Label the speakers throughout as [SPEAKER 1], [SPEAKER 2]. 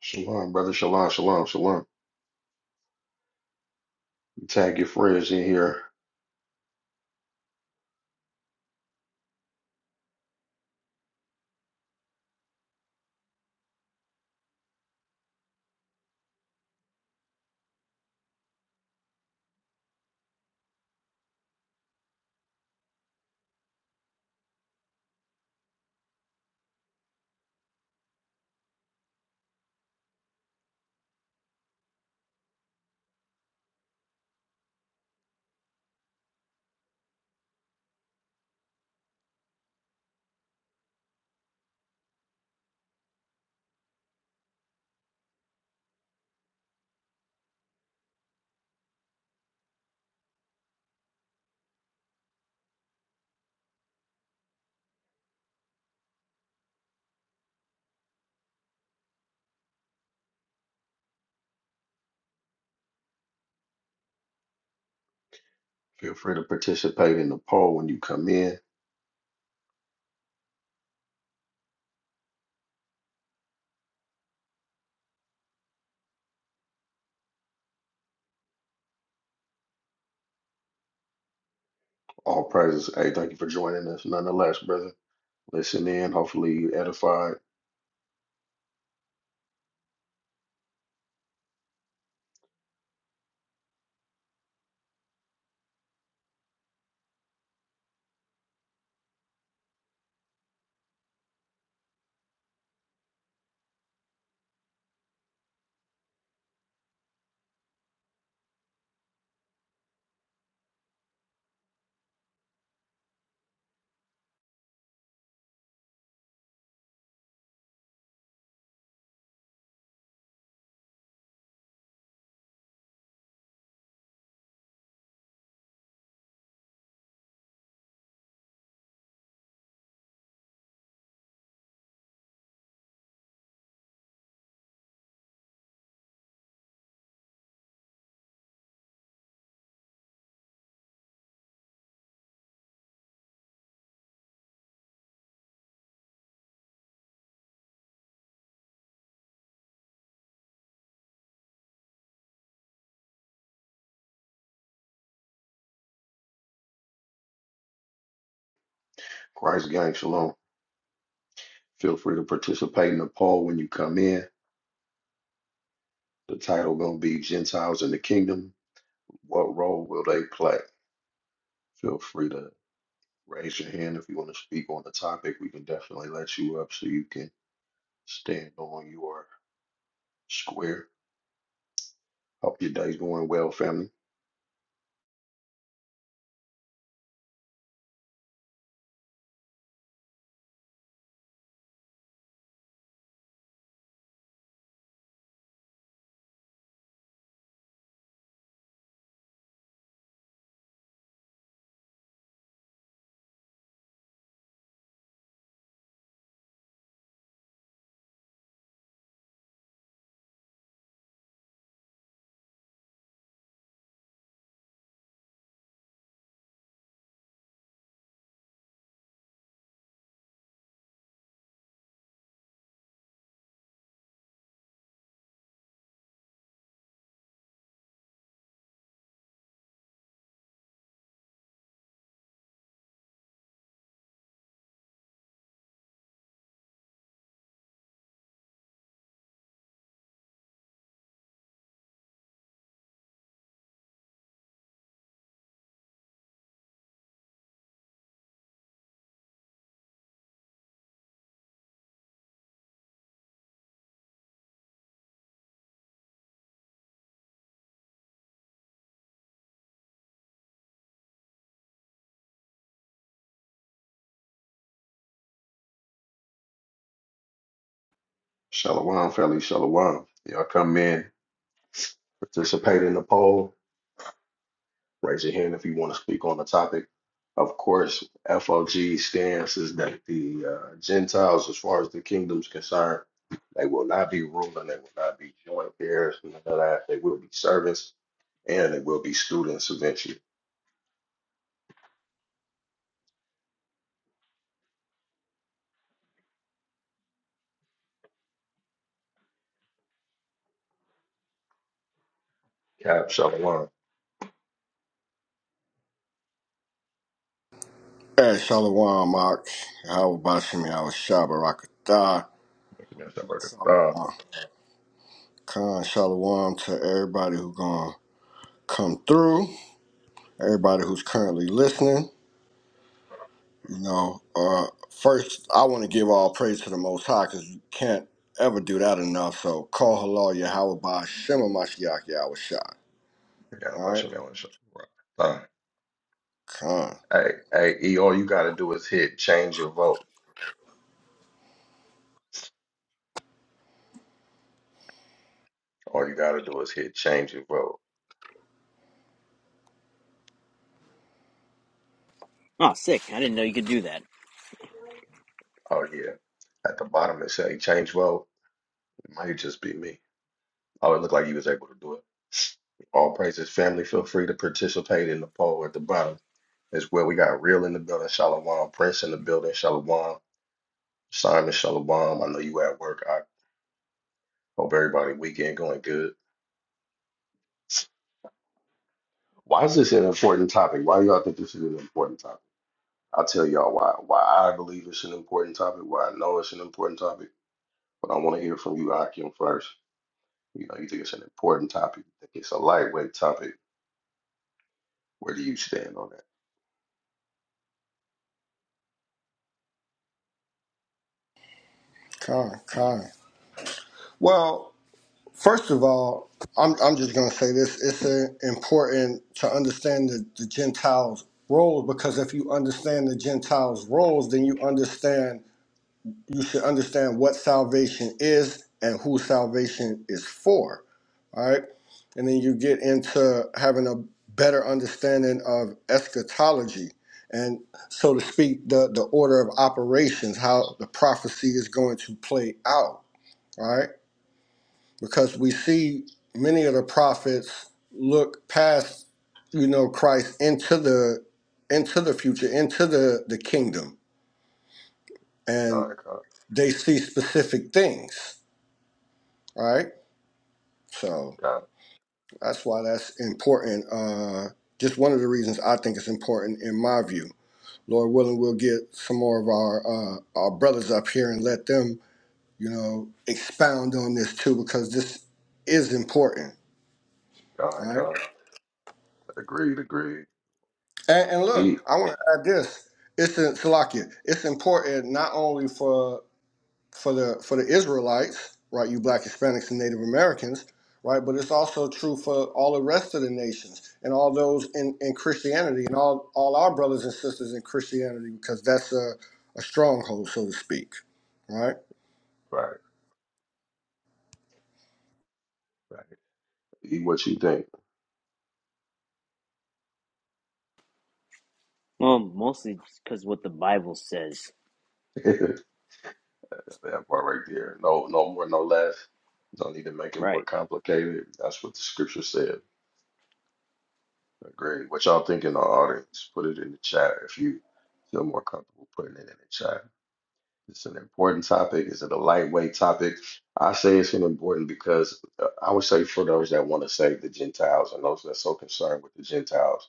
[SPEAKER 1] Shalom, brother. Shalom, shalom, shalom. Tag your friends in here. Feel free to participate in the poll when you come in. All praises. Hey, thank you for joining us nonetheless, brother. Listen in. Hopefully you edified. Christ gang, shalom. Feel free to participate in the poll when you come in. The title gonna be Gentiles in the Kingdom. What role will they play? Feel free to raise your hand if you want to speak on the topic. We can definitely let you up so you can stand on your square. Hope your day's going well, family. Shalom, family, shalom. Y'all come in, participate in the poll. Raise your hand if you want to speak on the topic. Of course, FOG stance is that the uh, Gentiles, as far as the kingdom's concerned, they will not be ruling, they will not be joint heirs, none of that. They will be servants and they will be students eventually. Cap, shalom.
[SPEAKER 2] Hey, Shalawam, Mark. How about Shimmy? I was Shabarakatah. Shalawam. Khan, Shalawam to everybody who's going to come through, everybody who's currently listening. You know, uh, first, I want to give all praise to the Most High because you can't ever do that enough. So, call halal Yahweh by Shema Mashiach Yahweh Shah. All right? Khan.
[SPEAKER 1] Hey, hey, E, all you got to do is hit change your vote. All you got to do is hit change your vote.
[SPEAKER 3] Oh, sick. I didn't know you could do that.
[SPEAKER 1] Oh yeah. At the bottom it say change well. It might just be me. Oh, it looked like you was able to do it. All praises family. Feel free to participate in the poll at the bottom as well. We got real in the building, Shalom, Prince in the building, Shalom, Simon, Shalom. I know you at work. I hope everybody weekend going good. Why is this an important topic? Why do y'all think this is an important topic? I'll tell y'all why. Why I believe it's an important topic, why I know it's an important topic, but I want to hear from you, Akim, first. You know, you think it's an important topic, you think it's a lightweight topic. Where do you stand on that?
[SPEAKER 2] Khan, Khan. Well, First of all, I'm, I'm just going to say this. It's uh, important to understand the, the Gentiles' roles because if you understand the Gentiles' roles, then you understand, you should understand what salvation is and who salvation is for. All right. And then you get into having a better understanding of eschatology and, so to speak, the, the order of operations, how the prophecy is going to play out. All Right because we see many of the prophets look past you know Christ into the into the future into the the kingdom
[SPEAKER 1] God,
[SPEAKER 2] and
[SPEAKER 1] God,
[SPEAKER 2] they see specific things right so
[SPEAKER 1] God,
[SPEAKER 2] that's why that's important uh just one of the reasons I think it's important in my view Lord willing we'll get some more of our uh our brothers up here and let them you know expound on this too because this is important All
[SPEAKER 1] God,
[SPEAKER 2] right.
[SPEAKER 1] God. Agreed, agreed.
[SPEAKER 2] And, and look,
[SPEAKER 1] Eat.
[SPEAKER 2] I want to add this. It's in Salakia. It's important not only for for the for the Israelites, right? You Black Hispanics and Native Americans, right? But it's also true for all the rest of the nations and all those in, in Christianity and all all our brothers and sisters in Christianity because that's a, a stronghold, so to speak, right?
[SPEAKER 1] Right, right. Eat what you think.
[SPEAKER 3] Well, mostly because what the Bible says.
[SPEAKER 1] that part right there. No, no more, no less. Don't need to make it more
[SPEAKER 3] Right.
[SPEAKER 1] complicated. That's what the scripture said. Agreed. What y'all think in the audience? Put it in the chat if you feel more comfortable putting it in the chat. It's an important topic. Is it a lightweight topic? I say it's an important because uh, I would say for those that want to save the Gentiles and those that's so concerned with the Gentiles,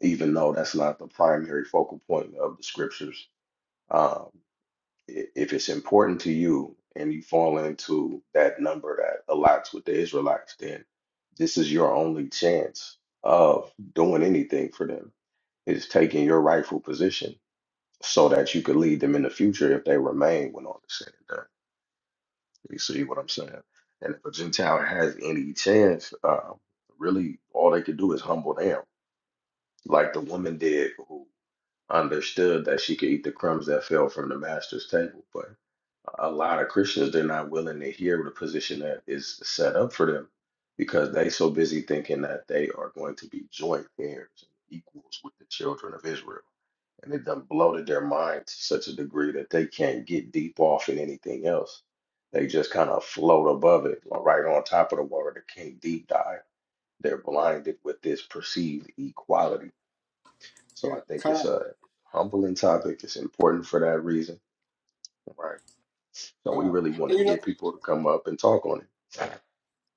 [SPEAKER 1] even though that's not the primary focal point of the scriptures, um, i- if it's important to you and you fall into that number that aligns with the Israelites, then this is your only chance of doing anything for them is taking your rightful position so that you could lead them in the future if they remain when all is said and done. You see what I'm saying? And if a Gentile has any chance, um, really all they could do is humble down, like the woman did who understood that she could eat the crumbs that fell from the master's table. But a lot of Christians, they're not willing to hear the position that is set up for them because they so busy thinking that they are going to be joint heirs and equals with the children of Israel. And it done bloated their mind to such a degree that they can't get deep off in anything else. They just kind of float above it, or right on top of the water. They can't deep dive. They're blinded with this perceived equality. So
[SPEAKER 2] Yeah,
[SPEAKER 1] I think
[SPEAKER 2] come
[SPEAKER 1] it's
[SPEAKER 2] on,
[SPEAKER 1] a humbling topic. It's important for that reason, right? So
[SPEAKER 2] come
[SPEAKER 1] we
[SPEAKER 2] on.
[SPEAKER 1] really want
[SPEAKER 2] And
[SPEAKER 1] to
[SPEAKER 2] you know.
[SPEAKER 1] get people to come up and talk on it.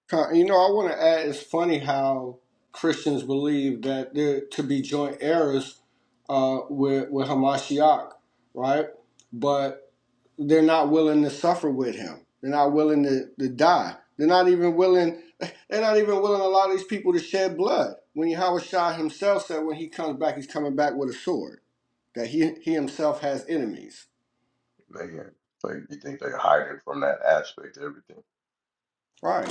[SPEAKER 2] Con- You know, I want to add. It's funny how Christians believe that they're to be joint heirs uh, with with Hamashiach, right? But they're not willing to suffer with him. They're not willing to, to die. They're not even willing. They're not even willing to allow these people to shed blood. When Yahweh Shah himself said, when he comes back, he's coming back with a sword. That he he himself has enemies.
[SPEAKER 1] Man, like you think they're hiding from that aspect of everything.
[SPEAKER 2] Right.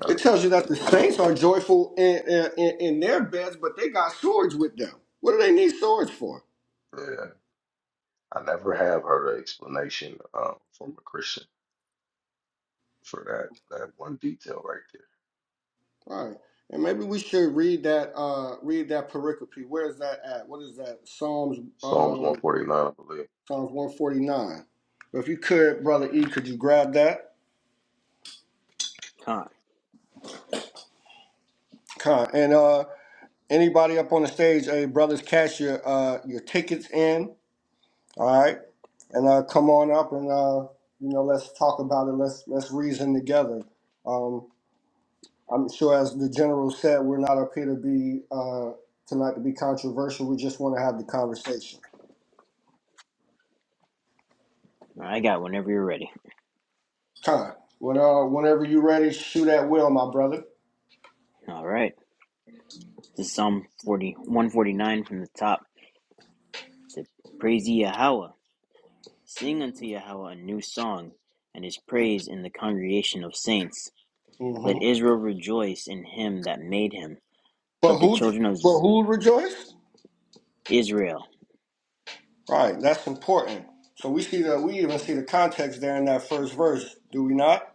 [SPEAKER 1] Uh,
[SPEAKER 2] It tells you that the saints are joyful in, in, in their beds, but they got swords with them. What do they need swords for?
[SPEAKER 1] yeah, I never have heard an explanation uh, from a Christian for that that one detail right there.
[SPEAKER 2] All right. And maybe we should read that uh read that pericope. Where is that at? What is that? Psalms
[SPEAKER 1] Psalms
[SPEAKER 2] um
[SPEAKER 1] 149, I believe.
[SPEAKER 2] Psalms 149. If you could, brother E, could you grab that?
[SPEAKER 3] Huh.
[SPEAKER 2] Con. And uh anybody up on the stage, hey brothers, cash your uh your tickets in. All right. And uh come on up and uh you know let's talk about it. Let's let's reason together. Um I'm sure, as the general said, we're not up here to be uh, tonight to be controversial. We just want to have the conversation.
[SPEAKER 3] I got whenever you're ready.
[SPEAKER 2] Con, when, uh, whenever you're ready, shoot at will, my brother.
[SPEAKER 3] All right. This is Psalm forty one forty nine from the top. It said, Praise ye Yahweh. Sing unto Yahweh a new song, and his praise in the congregation of saints.
[SPEAKER 2] hmm
[SPEAKER 3] Let Israel rejoice in him that made him.
[SPEAKER 2] But
[SPEAKER 3] Let the
[SPEAKER 2] who?
[SPEAKER 3] children of
[SPEAKER 2] But who rejoiced?
[SPEAKER 3] Israel.
[SPEAKER 2] Right, that's important. So we see that we even see the context there in that first verse, do we not?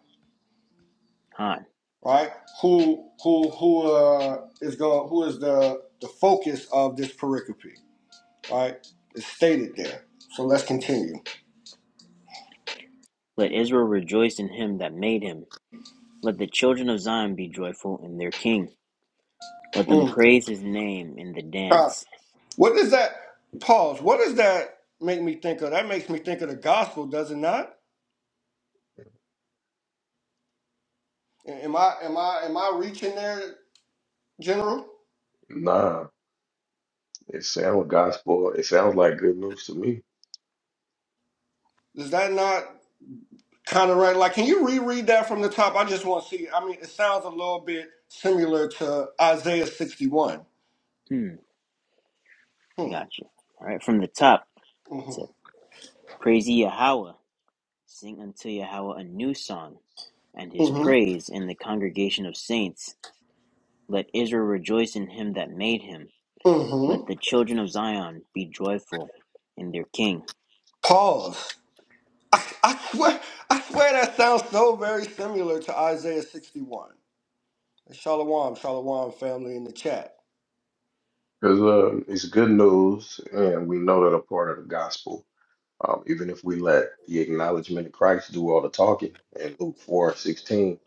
[SPEAKER 3] Huh.
[SPEAKER 2] Right? Who who who uh, is going? Who is the the focus of this pericope? Right? It's stated there. So let's continue.
[SPEAKER 3] Let Israel rejoice in him that made him. Let the children of Zion be joyful in their king. Let them
[SPEAKER 2] Mm.
[SPEAKER 3] praise his name in the dance.
[SPEAKER 2] What does that pause? What does that make me think of? That makes me think of the gospel, does it not? Am I am I am I reaching there, General?
[SPEAKER 1] Nah, it sounds gospel. It sounds like good news to me
[SPEAKER 2] Is that not kind of right? Like, can you reread that from the top? I just want to see. I mean, it sounds a little bit similar to Isaiah sixty-one.
[SPEAKER 3] Hmm,
[SPEAKER 2] Hmm.
[SPEAKER 3] gotcha. All right, from the top, it
[SPEAKER 2] Mm-hmm.
[SPEAKER 3] said, Praise ye Yahweh, sing unto Yahweh a new song, and his
[SPEAKER 2] Mm-hmm.
[SPEAKER 3] praise in the congregation of saints. Let Israel rejoice in him that made him. Let
[SPEAKER 2] Mm-hmm.
[SPEAKER 3] the children of Zion be joyful in their king.
[SPEAKER 2] Pause. I, I swear, I swear that sounds so very similar to Isaiah sixty-one. Shalom, shalom, family in the chat.
[SPEAKER 1] because um, it's good news, and we know that a part of the gospel. Um, even if we let the acknowledgement of Christ do all the talking in Luke 4 16,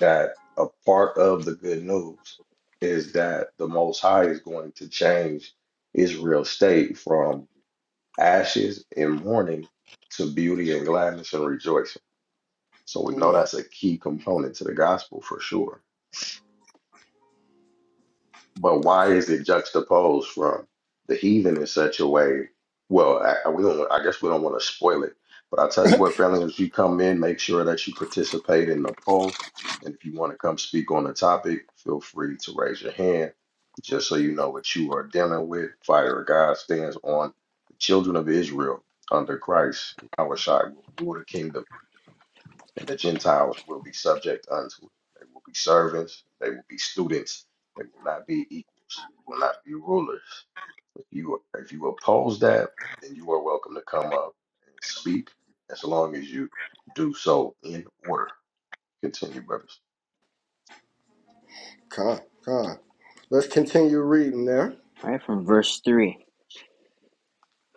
[SPEAKER 1] that a part of the good news is that the Most High is going to change Israel's state from ashes and mourning to beauty and gladness and rejoicing So we know
[SPEAKER 2] Mm.
[SPEAKER 1] that's a key component to the gospel for sure. But why is it juxtaposed from the heathen in such a way? Well, I, I- we don't. I guess we don't want to spoil it. But I'll tell you what, family, if you come in, make sure that you participate in the poll. And if you want to come speak on the topic, feel free to raise your hand, just so you know what you are dealing with. Fire of God stands on the children of Israel under Christ. Yahweh Shai will rule the kingdom and the Gentiles will be subject unto it. They will be servants, they will be students, they will not be equals, they will not be rulers. If you if you oppose that, then you are welcome to come up and speak as long as you do so in order. Continue, brothers.
[SPEAKER 2] God, God. Let's continue reading there.
[SPEAKER 3] All right, from verse 3,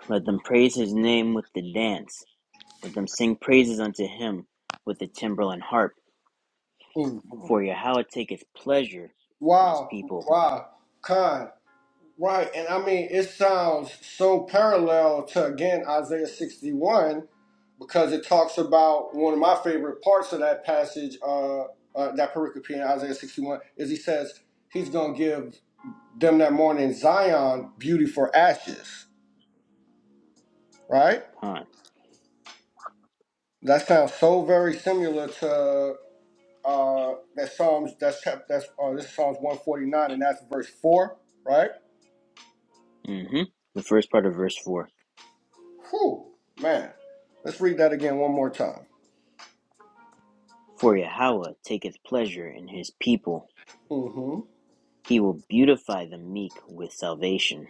[SPEAKER 3] Let them praise his name with the dance. Let them sing praises unto him with the timbrel and harp.
[SPEAKER 2] Ooh,
[SPEAKER 3] For Yahweh taketh pleasure in his
[SPEAKER 2] Wow,
[SPEAKER 3] people.
[SPEAKER 2] wow, kind, right. And I mean, it sounds so parallel to, again, Isaiah 61, because it talks about one of my favorite parts of that passage, uh, uh, that pericope in Isaiah 61, is he says he's going to give them that morning Zion beauty for ashes, right?
[SPEAKER 3] Huh.
[SPEAKER 2] That sounds so very similar to Uh, that's Psalms. That's chap- that's uh, this is Psalms one forty nine, and that's verse four, right?
[SPEAKER 3] hmm The first part of verse 4
[SPEAKER 2] Whew, man. Let's read that again one more time.
[SPEAKER 3] For Yahweh taketh pleasure in his people,
[SPEAKER 2] Mm-hmm.
[SPEAKER 3] he will beautify the meek with salvation.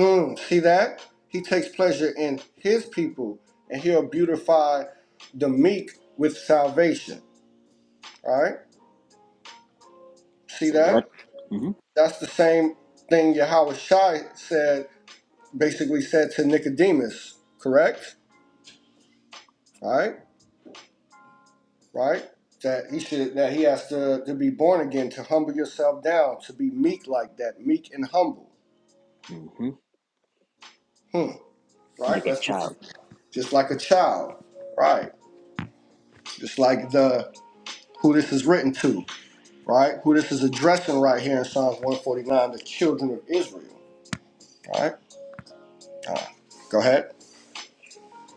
[SPEAKER 2] Mm, see that? He takes pleasure in his people, and he'll beautify the meek with salvation. All right? See
[SPEAKER 3] So let,
[SPEAKER 2] that?
[SPEAKER 3] hmm
[SPEAKER 2] That's the same thing Yahweh Shai said, basically said to Nicodemus, correct? All right? right? That he should that he has to, to be born again, to humble yourself down, to be meek like that, meek and humble.
[SPEAKER 3] hmm
[SPEAKER 2] Hmm. Right?
[SPEAKER 3] like a
[SPEAKER 2] Let's
[SPEAKER 3] child.
[SPEAKER 2] just like a child. Right. Just like the who this is written to, right? Who this is addressing right here in Psalms 149, the children of Israel. Right? Uh, go ahead.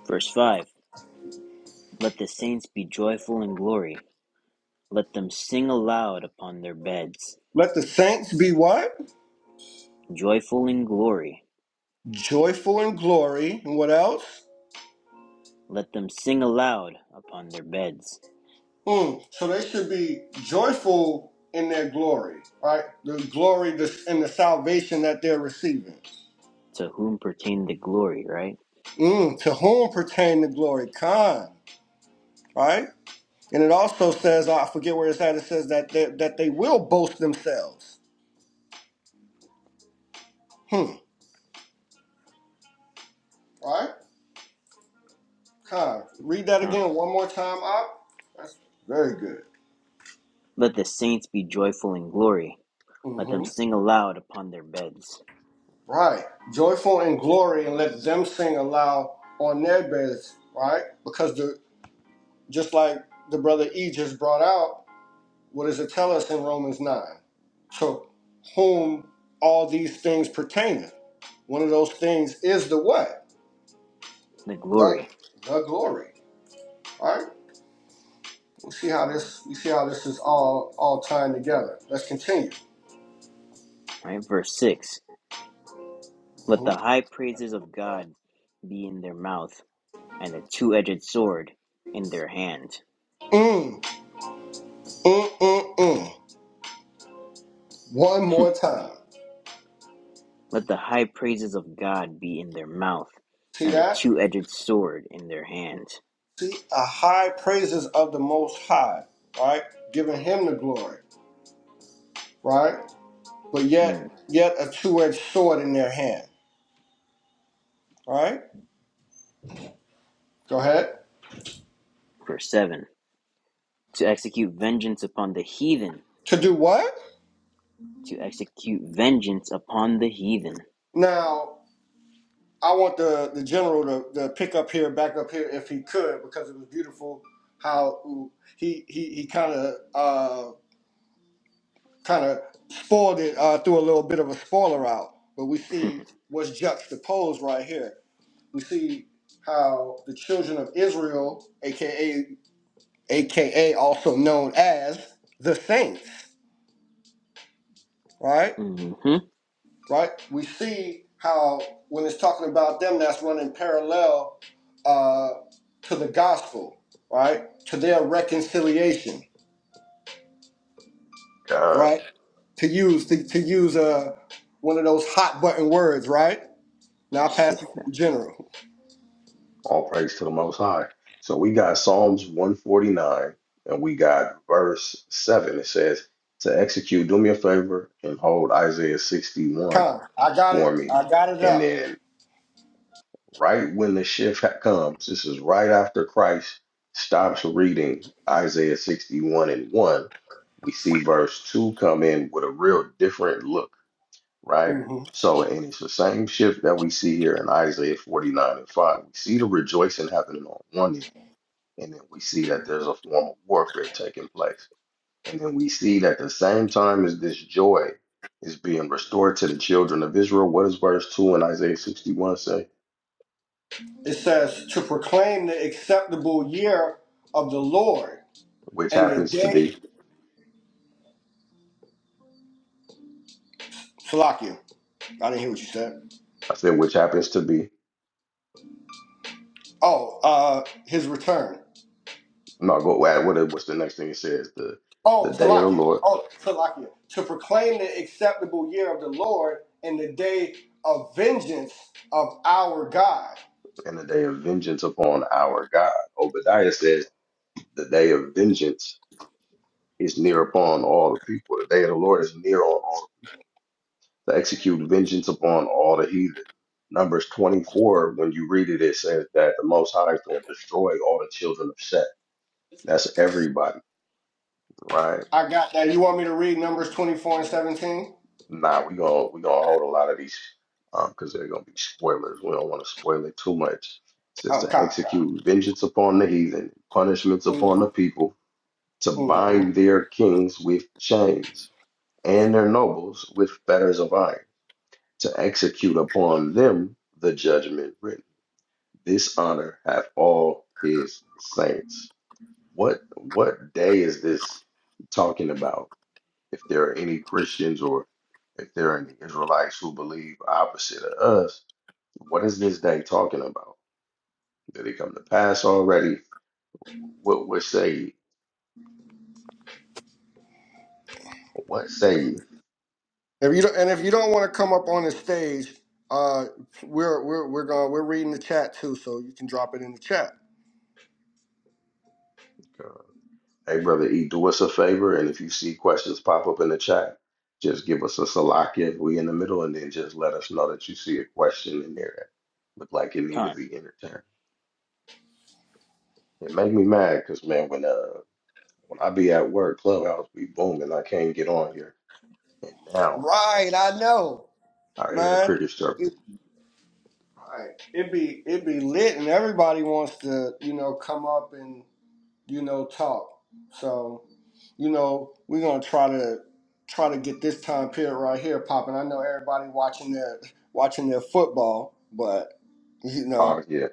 [SPEAKER 3] Verse 5 Let the saints be joyful in glory, let them sing aloud upon their beds.
[SPEAKER 2] Let the saints be what?
[SPEAKER 3] Joyful in glory,
[SPEAKER 2] Joyful in glory. And what else?
[SPEAKER 3] let them sing aloud upon their beds.
[SPEAKER 2] Mm, so they should be joyful in their glory, right? The glory this- and the salvation that they're receiving.
[SPEAKER 3] To whom pertain the glory, right?
[SPEAKER 2] Mm, to whom pertain the glory? Khan, right? And it also says, I forget where it's at, it says that they, that they will boast themselves. Hmm, right? Khan. Read that
[SPEAKER 3] John.
[SPEAKER 2] again one more time up. That's very good.
[SPEAKER 3] Let the saints be joyful in glory, let
[SPEAKER 2] hmm
[SPEAKER 3] them sing aloud upon their beds.
[SPEAKER 2] Right. Joyful in glory and let them sing aloud on their beds, right? Because the just like the brother E just brought out, What does it tell us in Romans 9? To whom all these things pertain. One of those things is the what?
[SPEAKER 3] The
[SPEAKER 2] The,
[SPEAKER 3] glory.
[SPEAKER 2] the glory. All right. We see how this we see how this is all all tying together. Let's continue.
[SPEAKER 3] All right, verse 6 Let the
[SPEAKER 2] Mhm.
[SPEAKER 3] high praises of God be in their mouth, and the two edged sword in their hand.
[SPEAKER 2] Mm, mm, mm, mm. One more time.
[SPEAKER 3] Let the high praises of God be in their mouth,
[SPEAKER 2] See
[SPEAKER 3] and a
[SPEAKER 2] that?
[SPEAKER 3] two edged sword in their hand.
[SPEAKER 2] See a high praises of the most high, All right. Giving him the glory, right? But
[SPEAKER 3] Hmm.
[SPEAKER 2] yet yet a two-edged sword in their hand. All right? Go ahead.
[SPEAKER 3] Verse 7 To execute vengeance upon the heathen,
[SPEAKER 2] To do what?
[SPEAKER 3] to execute vengeance upon the heathen.
[SPEAKER 2] Now, I want the, the general to, to pick up here, back up here, if he could, because it was beautiful how he he, he kind of uh, kind of spoiled it uh, through a little bit of a spoiler out. But we see what's juxtaposed right here. We see how the children of Israel, aka aka also known as the saints, right?
[SPEAKER 3] hmm
[SPEAKER 2] right? We see how when it's talking about them, that's running parallel uh, to the gospel, right? To their reconciliation,
[SPEAKER 1] God,
[SPEAKER 2] right? To use to, to use uh, one of those hot button words, right? Now I pass it to the general.
[SPEAKER 1] all praise to the most high. So we got Psalms 149 and we got verse 7. It says, To execute, do me a favor and hold Isaiah 61
[SPEAKER 2] Con, I got
[SPEAKER 1] for
[SPEAKER 2] it.
[SPEAKER 1] me.
[SPEAKER 2] I got it
[SPEAKER 1] And
[SPEAKER 2] up.
[SPEAKER 1] then right when the shift ha- comes. This is right after Christ stops reading Isaiah 61 and 1. We see verse 2 come in with a real different look, right?
[SPEAKER 2] hmm
[SPEAKER 1] So, and it's the same shift that we see here in Isaiah 49 and 5. We see the rejoicing happening on one end, and then we see that there's a form of warfare taking place. And then we see that the same time as this joy is being restored to the children of Israel, what does verse 2 in Isaiah 61 say?
[SPEAKER 2] It says to proclaim the acceptable year of the Lord
[SPEAKER 1] Which
[SPEAKER 2] and the
[SPEAKER 1] happens to
[SPEAKER 2] day.
[SPEAKER 1] be
[SPEAKER 2] Salakia. I didn't hear what you said.
[SPEAKER 1] I said, which happens to be
[SPEAKER 2] Oh, uh, his return.
[SPEAKER 1] no go. What what- what's the next thing it says? The the
[SPEAKER 2] Oh,
[SPEAKER 1] day of the
[SPEAKER 2] Salakia.
[SPEAKER 1] Lord
[SPEAKER 2] Oh, Salakia. To proclaim the acceptable year of the Lord and the day of vengeance of our God.
[SPEAKER 1] and the day of vengeance upon our God. Obadiah says the day of vengeance is near upon all the people. The day of the Lord is near on all to execute vengeance upon all the heathen. Numbers 24, when you read it, it says that the Most High is going to destroy all the children of Seth. That's everybody, right?
[SPEAKER 2] I got that. You want me to read Numbers 24 and 17?
[SPEAKER 1] Nah, we gonna we gonna hold a lot of these um because they're gonna be spoilers. We don't want to spoil it too much. It says
[SPEAKER 2] Oh,
[SPEAKER 1] to
[SPEAKER 2] God.
[SPEAKER 1] execute vengeance upon the heathen, punishments upon
[SPEAKER 2] Mm-hmm.
[SPEAKER 1] the people, to
[SPEAKER 2] hmm
[SPEAKER 1] bind their kings with chains and their nobles with fetters of iron, to execute upon them the judgment written. This honor hath all his saints. What what day is this talking about? If there are any Christians or if there are any Israelites who believe opposite of us, what is this day talking about? Did it come to pass already? What what say you? What say you?
[SPEAKER 2] If you don't, and if you don't want to come up on the stage, uh, we're we're we're going we're reading the chat too, so you can drop it in the chat.
[SPEAKER 1] Uh, Hey, brother E, do us a favor, and if you see questions pop up in the chat, just give us a salakia if we in the middle, and then just let us know that you see a question in there that look like it need to
[SPEAKER 3] not
[SPEAKER 1] be entertained. It make me mad because man, when uh when I be at work, Clubhouse be booming, I can't get on here, and now.
[SPEAKER 2] Right, I know,
[SPEAKER 1] I hear the
[SPEAKER 2] man.
[SPEAKER 1] crickets chirping.
[SPEAKER 2] It, right. it be it be lit, and everybody wants to you know come up and you know, talk. So, you know, we're gonna try to try to get this time period right here popping. I know everybody watching their watching their football, but you
[SPEAKER 1] Uh,
[SPEAKER 2] know,
[SPEAKER 1] yeah,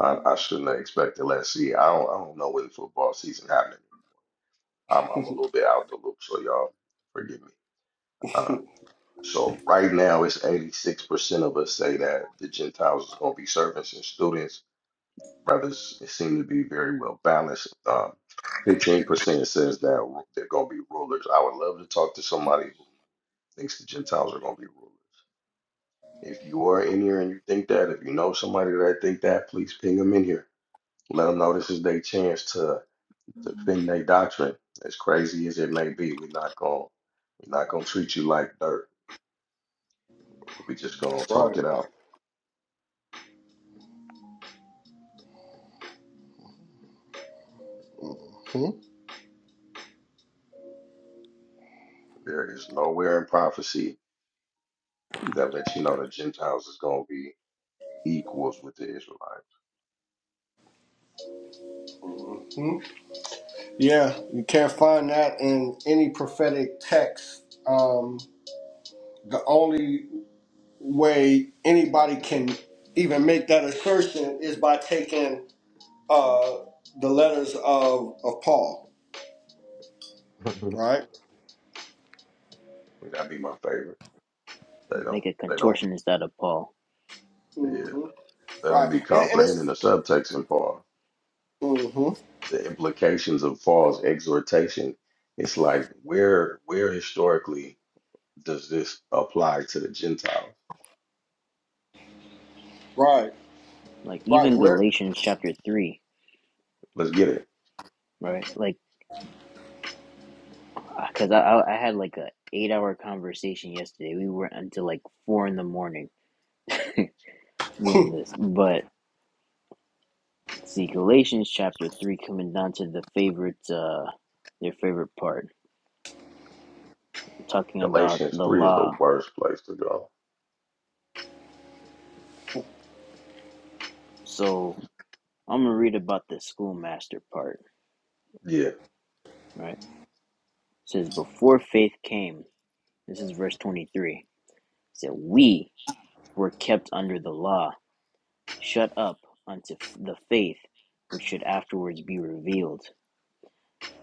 [SPEAKER 1] I, I shouldn't have expected last year. I don't, I don't know when football season happening. I'm, I'm a little bit out the loop, so y'all forgive me. Um, so right now, it's 86% of us say that the Gentiles is going to be servants and students. Brothers it seems to be very well balanced. Um, 15% says that ru- they're going to be rulers. I would love to talk to somebody who thinks the Gentiles are going to be rulers. If you are in here and you think that, if you know somebody that think that, please ping them in here Let them know this is their chance to defend their doctrine. As crazy as it may be, we're not gonna we're not gonna treat you like dirt. we just gonna talk
[SPEAKER 2] right?
[SPEAKER 1] it out.
[SPEAKER 2] Hmm?
[SPEAKER 1] There is nowhere in prophecy that lets you know the Gentiles is gonna be equals with the Israelites.
[SPEAKER 2] Hmm? Yeah, you can't find that in any prophetic text. Um, the only way anybody can even make that assertion is by taking uh, the letters of of Paul, right?
[SPEAKER 1] That'd be my favorite. They
[SPEAKER 3] make
[SPEAKER 1] don't
[SPEAKER 3] a
[SPEAKER 1] they don't
[SPEAKER 3] contortionist out of Paul.
[SPEAKER 1] yeah,
[SPEAKER 2] hmm
[SPEAKER 1] they don't
[SPEAKER 2] Right,
[SPEAKER 1] be
[SPEAKER 2] and, and
[SPEAKER 1] comprehending
[SPEAKER 2] it's.
[SPEAKER 1] the subtext in Paul.
[SPEAKER 2] Mhm.
[SPEAKER 1] The implications of Paul's exhortation. It's like where where historically does this apply to the Gentiles?
[SPEAKER 2] Right,
[SPEAKER 3] Like
[SPEAKER 2] right.
[SPEAKER 3] even
[SPEAKER 2] Where?
[SPEAKER 3] Galatians chapter 3,
[SPEAKER 1] Let's get it.
[SPEAKER 3] right? Like because I, I I had like a eight hour conversation yesterday. We were until like four in the morning doing this. But see, Galatians chapter three coming down to the favorite uh their favorite part, talking about
[SPEAKER 1] Galatians
[SPEAKER 3] the
[SPEAKER 1] 3 is the
[SPEAKER 3] law.
[SPEAKER 1] worst place to go.
[SPEAKER 3] So I'm gonna read about the schoolmaster part,
[SPEAKER 1] Yeah.
[SPEAKER 3] right? It says before faith came, this is verse twenty three. It said we were kept under the law, shut up unto the faith which should afterwards be revealed.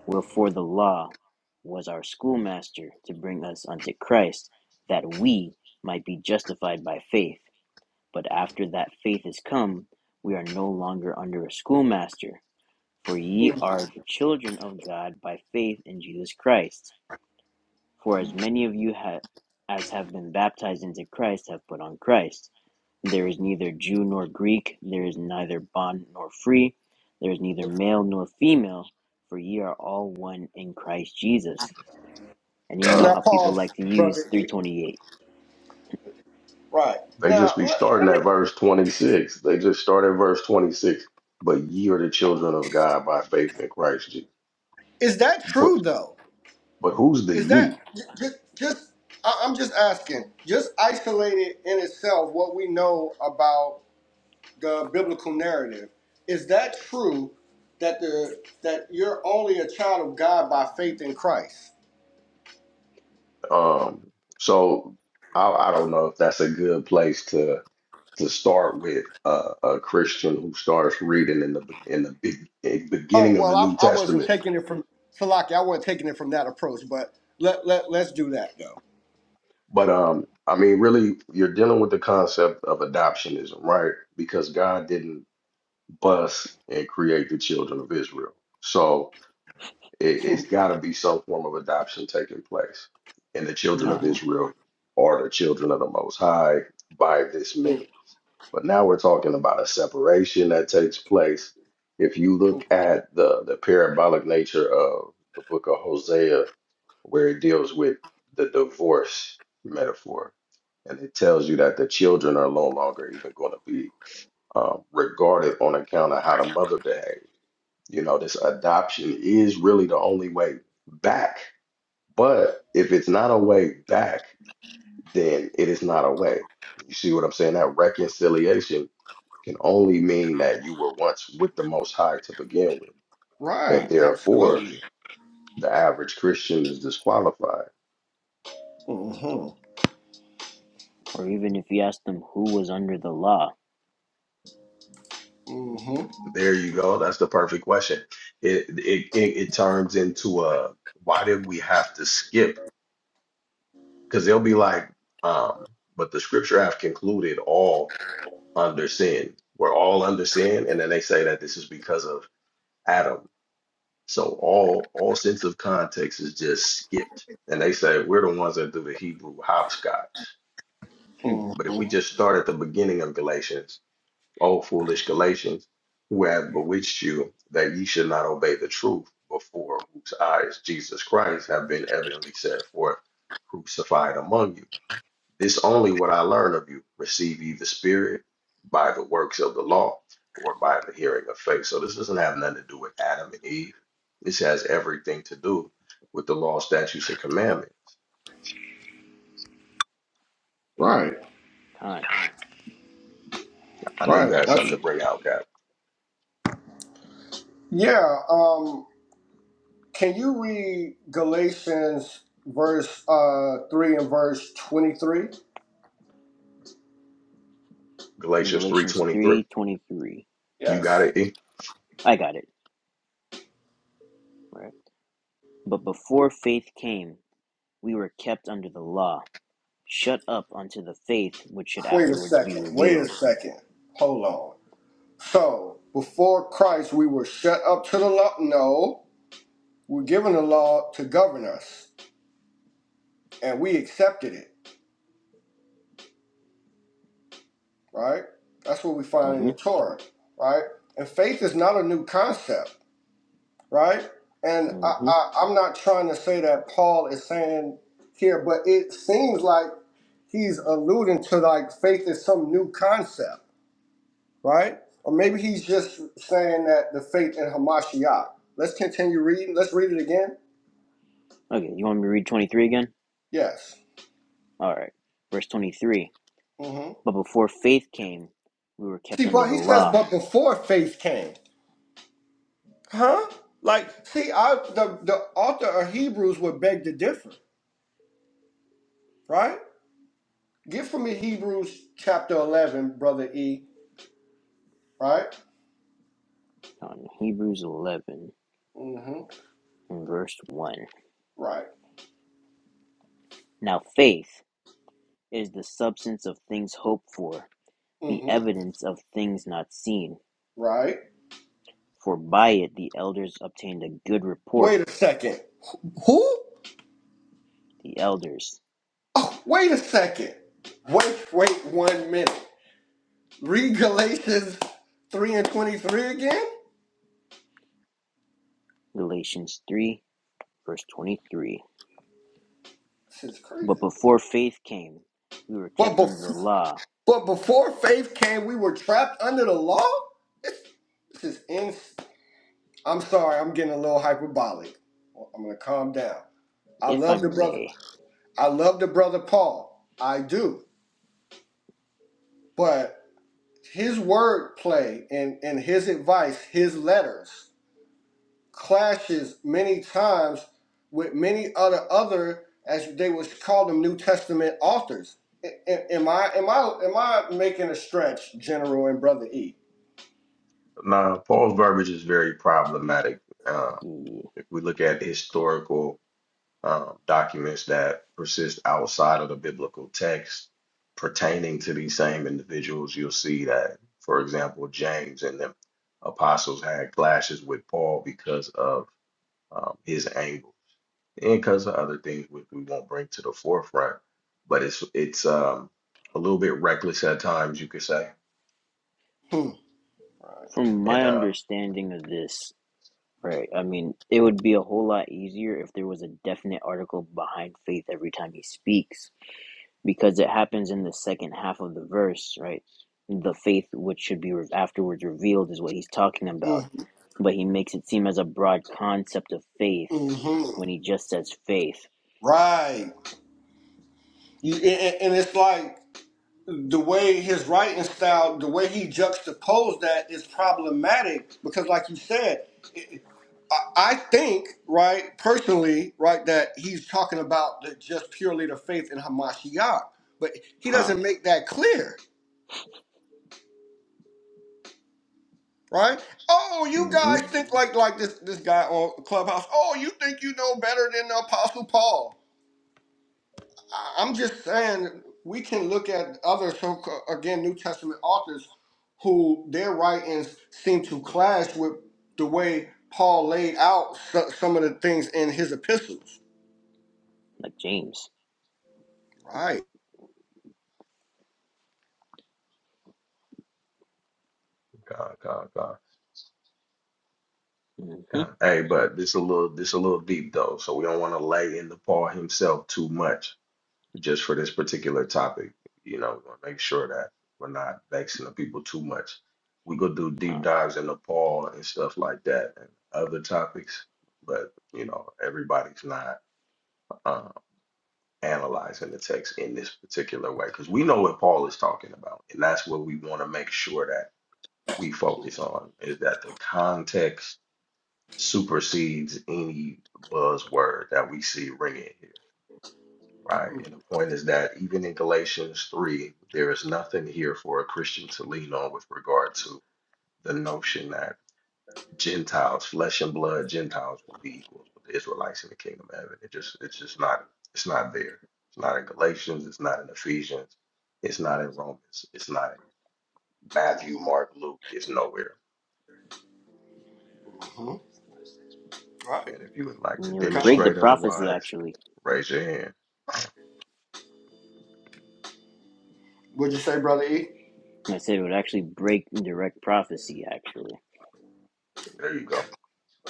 [SPEAKER 3] Wherefore the law was our schoolmaster to bring us unto Christ, that we might be justified by faith. But after that faith is come, we are no longer under a schoolmaster, for ye
[SPEAKER 2] mm.
[SPEAKER 3] are the children of God by faith in Jesus Christ. For as many of you ha- as have been baptized into Christ have put on Christ. There is neither Jew nor Greek, there is neither bond nor free, there is neither male nor female, for ye are all one in Christ Jesus. And you know
[SPEAKER 1] Uh,
[SPEAKER 2] Now
[SPEAKER 3] how people
[SPEAKER 2] pause,
[SPEAKER 3] like to use
[SPEAKER 2] brother. E.
[SPEAKER 3] 328,
[SPEAKER 2] Right.
[SPEAKER 1] they
[SPEAKER 2] Now
[SPEAKER 1] just be
[SPEAKER 2] let,
[SPEAKER 1] starting
[SPEAKER 2] let
[SPEAKER 1] at
[SPEAKER 2] me.
[SPEAKER 1] verse 26. They just start at verse 26. But ye are the children of God by faith in Christ Jesus.
[SPEAKER 2] Is that true
[SPEAKER 1] But,
[SPEAKER 2] though?
[SPEAKER 1] but who's the
[SPEAKER 2] Is that
[SPEAKER 1] ye?
[SPEAKER 2] just just? I- I'm just asking. Just isolated in itself, what we know about the biblical narrative. Is that true? That the that you're only a child of God by faith in Christ.
[SPEAKER 1] Um, so I, I don't know if that's a good place to to start with uh, a Christian who starts reading in the in the big, in the
[SPEAKER 2] Oh
[SPEAKER 1] beginning of
[SPEAKER 2] well,
[SPEAKER 1] the
[SPEAKER 2] I,
[SPEAKER 1] New
[SPEAKER 2] I wasn't
[SPEAKER 1] Testament.
[SPEAKER 2] taking it from Salaki. I wasn't taking it from that approach, but let let let's do that though.
[SPEAKER 1] But um, I mean, really, you're dealing with the concept of adoptionism, right? Because God didn't us and create the children of Israel. So it, it's got to be some form of adoption taking place. And the children
[SPEAKER 3] con,
[SPEAKER 1] of
[SPEAKER 2] hmm
[SPEAKER 1] Israel are the children of the Most High by this means. But now we're talking about a separation that takes place. If you look at the, the parabolic nature of the book of Hosea, where it deals with the divorce metaphor, and it tells you that the children are no longer even going to be um, regarded on account of how the mother behaves you know, this adoption is really the only way back. But if it's not a way back, then it is not a way. You see what I'm saying? That reconciliation can only mean that you were once with the Most High to begin with.
[SPEAKER 2] Right.
[SPEAKER 1] And
[SPEAKER 3] con.
[SPEAKER 1] therefore,
[SPEAKER 2] Absolutely.
[SPEAKER 1] the average Christian is disqualified.
[SPEAKER 2] hmm
[SPEAKER 3] Or even if you ask them who was under the law,
[SPEAKER 2] hmm
[SPEAKER 1] There you go. That's the perfect question. It it it, it turns into a why did we have to skip? Because they'll be like, um, but the scripture have concluded all under sin. We're all under sin, and then they say that this is because of Adam. So all all sense of context is just skipped, and they say we're the ones that do the Hebrew hopscotch.
[SPEAKER 3] hmm,
[SPEAKER 2] hmm
[SPEAKER 1] But if we just start at the beginning of Galatians, O foolish Galatians, who have bewitched you that ye should not obey the truth, before whose eyes Jesus Christ have been evidently set forth, crucified among you. This only what I learn of you. Receive ye the Spirit by the works of the law or by the hearing of faith. So this doesn't have nothing to do with Adam and Eve. This has everything to do with the law, statutes, and commandments.
[SPEAKER 2] Right.
[SPEAKER 3] con.
[SPEAKER 1] I know you
[SPEAKER 2] Right.
[SPEAKER 1] had something to
[SPEAKER 2] Absolutely.
[SPEAKER 1] bring out, Cap.
[SPEAKER 2] Yeah. Um, can you read Galatians verse uh, three and verse twenty-three?
[SPEAKER 1] Galatians
[SPEAKER 3] Galatians
[SPEAKER 1] 3.23.
[SPEAKER 3] 3.23.
[SPEAKER 1] You got
[SPEAKER 2] Yes.
[SPEAKER 1] it, E?
[SPEAKER 3] I got it, right? But before faith came, we were kept under the law shut up unto the faith which should
[SPEAKER 2] Wait a
[SPEAKER 3] afterwards be
[SPEAKER 2] second. Wait a
[SPEAKER 3] revealed.
[SPEAKER 2] second. Hold on. So before Christ, we were shut up to the law. No, we're given the law to govern us, and we accepted it. Right. That's what we find in
[SPEAKER 3] hmm
[SPEAKER 2] the Torah. Right. And faith is not a new concept. right? And I,
[SPEAKER 3] hmm
[SPEAKER 2] I, I'm not trying to say that Paul is saying here, but it seems like he's alluding to like faith is some new concept, right? Or maybe he's just saying that the faith in Hamashiach. Let's continue reading. Let's read it again.
[SPEAKER 3] Okay, you want me to read 23 again?
[SPEAKER 2] Yes.
[SPEAKER 3] All right. Verse 23.
[SPEAKER 2] hmm
[SPEAKER 3] But before faith came, we were
[SPEAKER 2] See,
[SPEAKER 3] kept under
[SPEAKER 2] but
[SPEAKER 3] the
[SPEAKER 2] he says,
[SPEAKER 3] law.
[SPEAKER 2] but before faith came, huh? Like, see, I the the author of Hebrews would beg to differ, right? Get for me Hebrews chapter eleven, brother E. Right.
[SPEAKER 3] On Hebrews 11
[SPEAKER 2] Mm-hmm.
[SPEAKER 3] and verse 1.
[SPEAKER 2] Right.
[SPEAKER 3] Now faith is the substance of things hoped for, the
[SPEAKER 2] Mm-hmm.
[SPEAKER 3] evidence of things not seen.
[SPEAKER 2] Right.
[SPEAKER 3] For by it the elders obtained a good report.
[SPEAKER 2] Wait a second. Who?
[SPEAKER 3] The elders.
[SPEAKER 2] Oh, wait a second. Wait, wait one minute. Read Galatians 3 and 23 again?
[SPEAKER 3] Galatians 3 verse 23.
[SPEAKER 2] This is crazy.
[SPEAKER 3] But before faith came, we were
[SPEAKER 2] But
[SPEAKER 3] kept under the
[SPEAKER 2] before,
[SPEAKER 3] law,
[SPEAKER 2] but before faith came, we were trapped under the law? This, this is ins. I'm sorry, I'm getting a little hyperbolic. I'm going to calm down. I
[SPEAKER 3] if I
[SPEAKER 2] love the brother.
[SPEAKER 3] may.
[SPEAKER 2] I love the brother Paul. I do. But. His wordplay and, and his advice, his letters, clashes many times with many other other as they would call them New Testament authors. A- a- Am I am I am I making a stretch, General and Brother E?
[SPEAKER 1] Now, Paul's verbiage is very problematic. Uh, if we look at historical um, documents that persist outside of the biblical text pertaining to these same individuals, you'll see that, for example, James and the apostles had clashes with Paul because of um, his angles and because of other things which we won't bring to the forefront. But it's it's um, a little bit reckless at times, you could say.
[SPEAKER 2] Hmm. Right.
[SPEAKER 3] From my
[SPEAKER 1] And uh,
[SPEAKER 3] understanding of this, right, I mean, it would be a whole lot easier if there was a definite article behind faith every time he speaks, because it happens in the second half of the verse, right? The faith which should be afterwards revealed is what he's talking about,
[SPEAKER 2] Mm-hmm.
[SPEAKER 3] but he makes it seem as a broad concept of faith
[SPEAKER 2] Mm-hmm.
[SPEAKER 3] when he just says faith,
[SPEAKER 2] Right. You- a- And it's like. the way his writing style, the way he juxtaposed that is problematic because, like you said, it, I I think, right, personally, right, that he's talking about the, just purely the faith in Hamashiach, but he
[SPEAKER 3] huh?
[SPEAKER 2] doesn't make that clear, right? Oh, you
[SPEAKER 3] Mm hmm.
[SPEAKER 2] guys think like like this this guy on Clubhouse. Oh, you think you know better than the Apostle Paul? I- I'm just saying we can look at other so again New Testament authors who their writings seem to clash with the way Paul laid out so- some of the things in his epistles.
[SPEAKER 3] Like James.
[SPEAKER 2] Right.
[SPEAKER 1] God, God, God.
[SPEAKER 3] Mm
[SPEAKER 1] God.
[SPEAKER 3] hmm.
[SPEAKER 1] Hey, but this a little this a little deep though, so we don't want to lay into Paul himself too much just for this particular topic. You know, we want to make sure that we're not vexing the people too much. We go do deep dives in Nepal and stuff like that and other topics, but you know, everybody's not uh, analyzing the text in this particular way because we know what Paul is talking about, and that's what we want to make sure that we focus on is that the context supersedes any buzzword that we see ringing here. Right. And the point is that even in Galatians 3, there is nothing here for a Christian to lean on with regard to the notion that Gentiles, flesh and blood Gentiles will be equals with the Israelites in the kingdom of heaven. It just it's just not it's not there. It's not in Galatians, it's not in Ephesians, it's not in Romans, it's not in Matthew, Mark, Luke, it's nowhere.
[SPEAKER 2] hmm Right.
[SPEAKER 1] And if you would
[SPEAKER 3] I
[SPEAKER 1] like to
[SPEAKER 3] mean, it would
[SPEAKER 2] Come on.
[SPEAKER 3] break the
[SPEAKER 1] demonstrate
[SPEAKER 3] prophecy,
[SPEAKER 1] otherwise,
[SPEAKER 3] actually.
[SPEAKER 1] raise your hand.
[SPEAKER 2] What'd you say, brother E?
[SPEAKER 3] I said it would actually break indirect prophecy, actually.
[SPEAKER 1] There you go.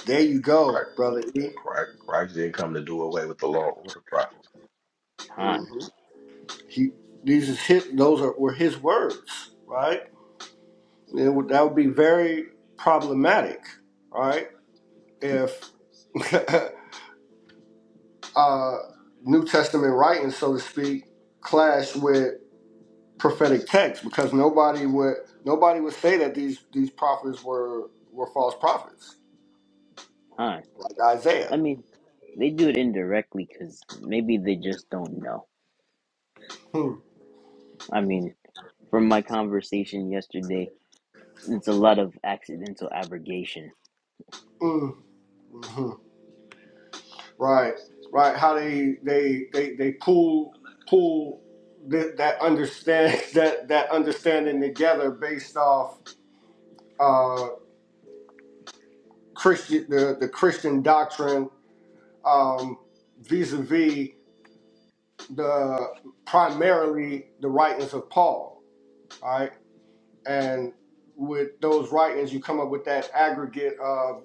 [SPEAKER 2] There you
[SPEAKER 1] Christ,
[SPEAKER 2] go, brother E.
[SPEAKER 1] Christ, Christ didn't come to do away with the law or the prophets.
[SPEAKER 3] huh?
[SPEAKER 2] hmm He these is his, those are were his words, right? It would, that would be very problematic, right? If uh, New Testament writing, so to speak, clash with prophetic text because nobody would nobody would say that these these prophets were were false prophets
[SPEAKER 3] Huh?
[SPEAKER 2] like Isaiah.
[SPEAKER 3] I mean, they do it indirectly because maybe they just don't know.
[SPEAKER 2] Hmm.
[SPEAKER 3] I mean, from my conversation yesterday, it's a lot of accidental abrogation.
[SPEAKER 2] Mm. hmm Right, right. How they they they they pull pull th- that understand that that understanding together based off uh, Christian the the Christian doctrine um, vis-a-vis the primarily the writings of Paul, all right? And with those writings, you come up with that aggregate of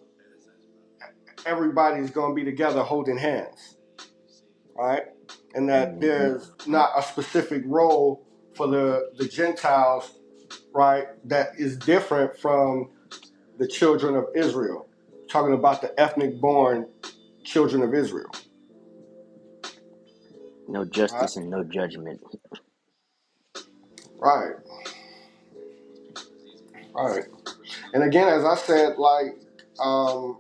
[SPEAKER 2] everybody's going to be together holding hands, all right? And that
[SPEAKER 3] hmm
[SPEAKER 2] there's not a specific role for the the Gentiles, right? That is different from the children of Israel. Talking about the ethnic born children of Israel,
[SPEAKER 3] No
[SPEAKER 2] right?
[SPEAKER 3] justice and no judgment.
[SPEAKER 2] Right, right. And again, as I said, like. Um,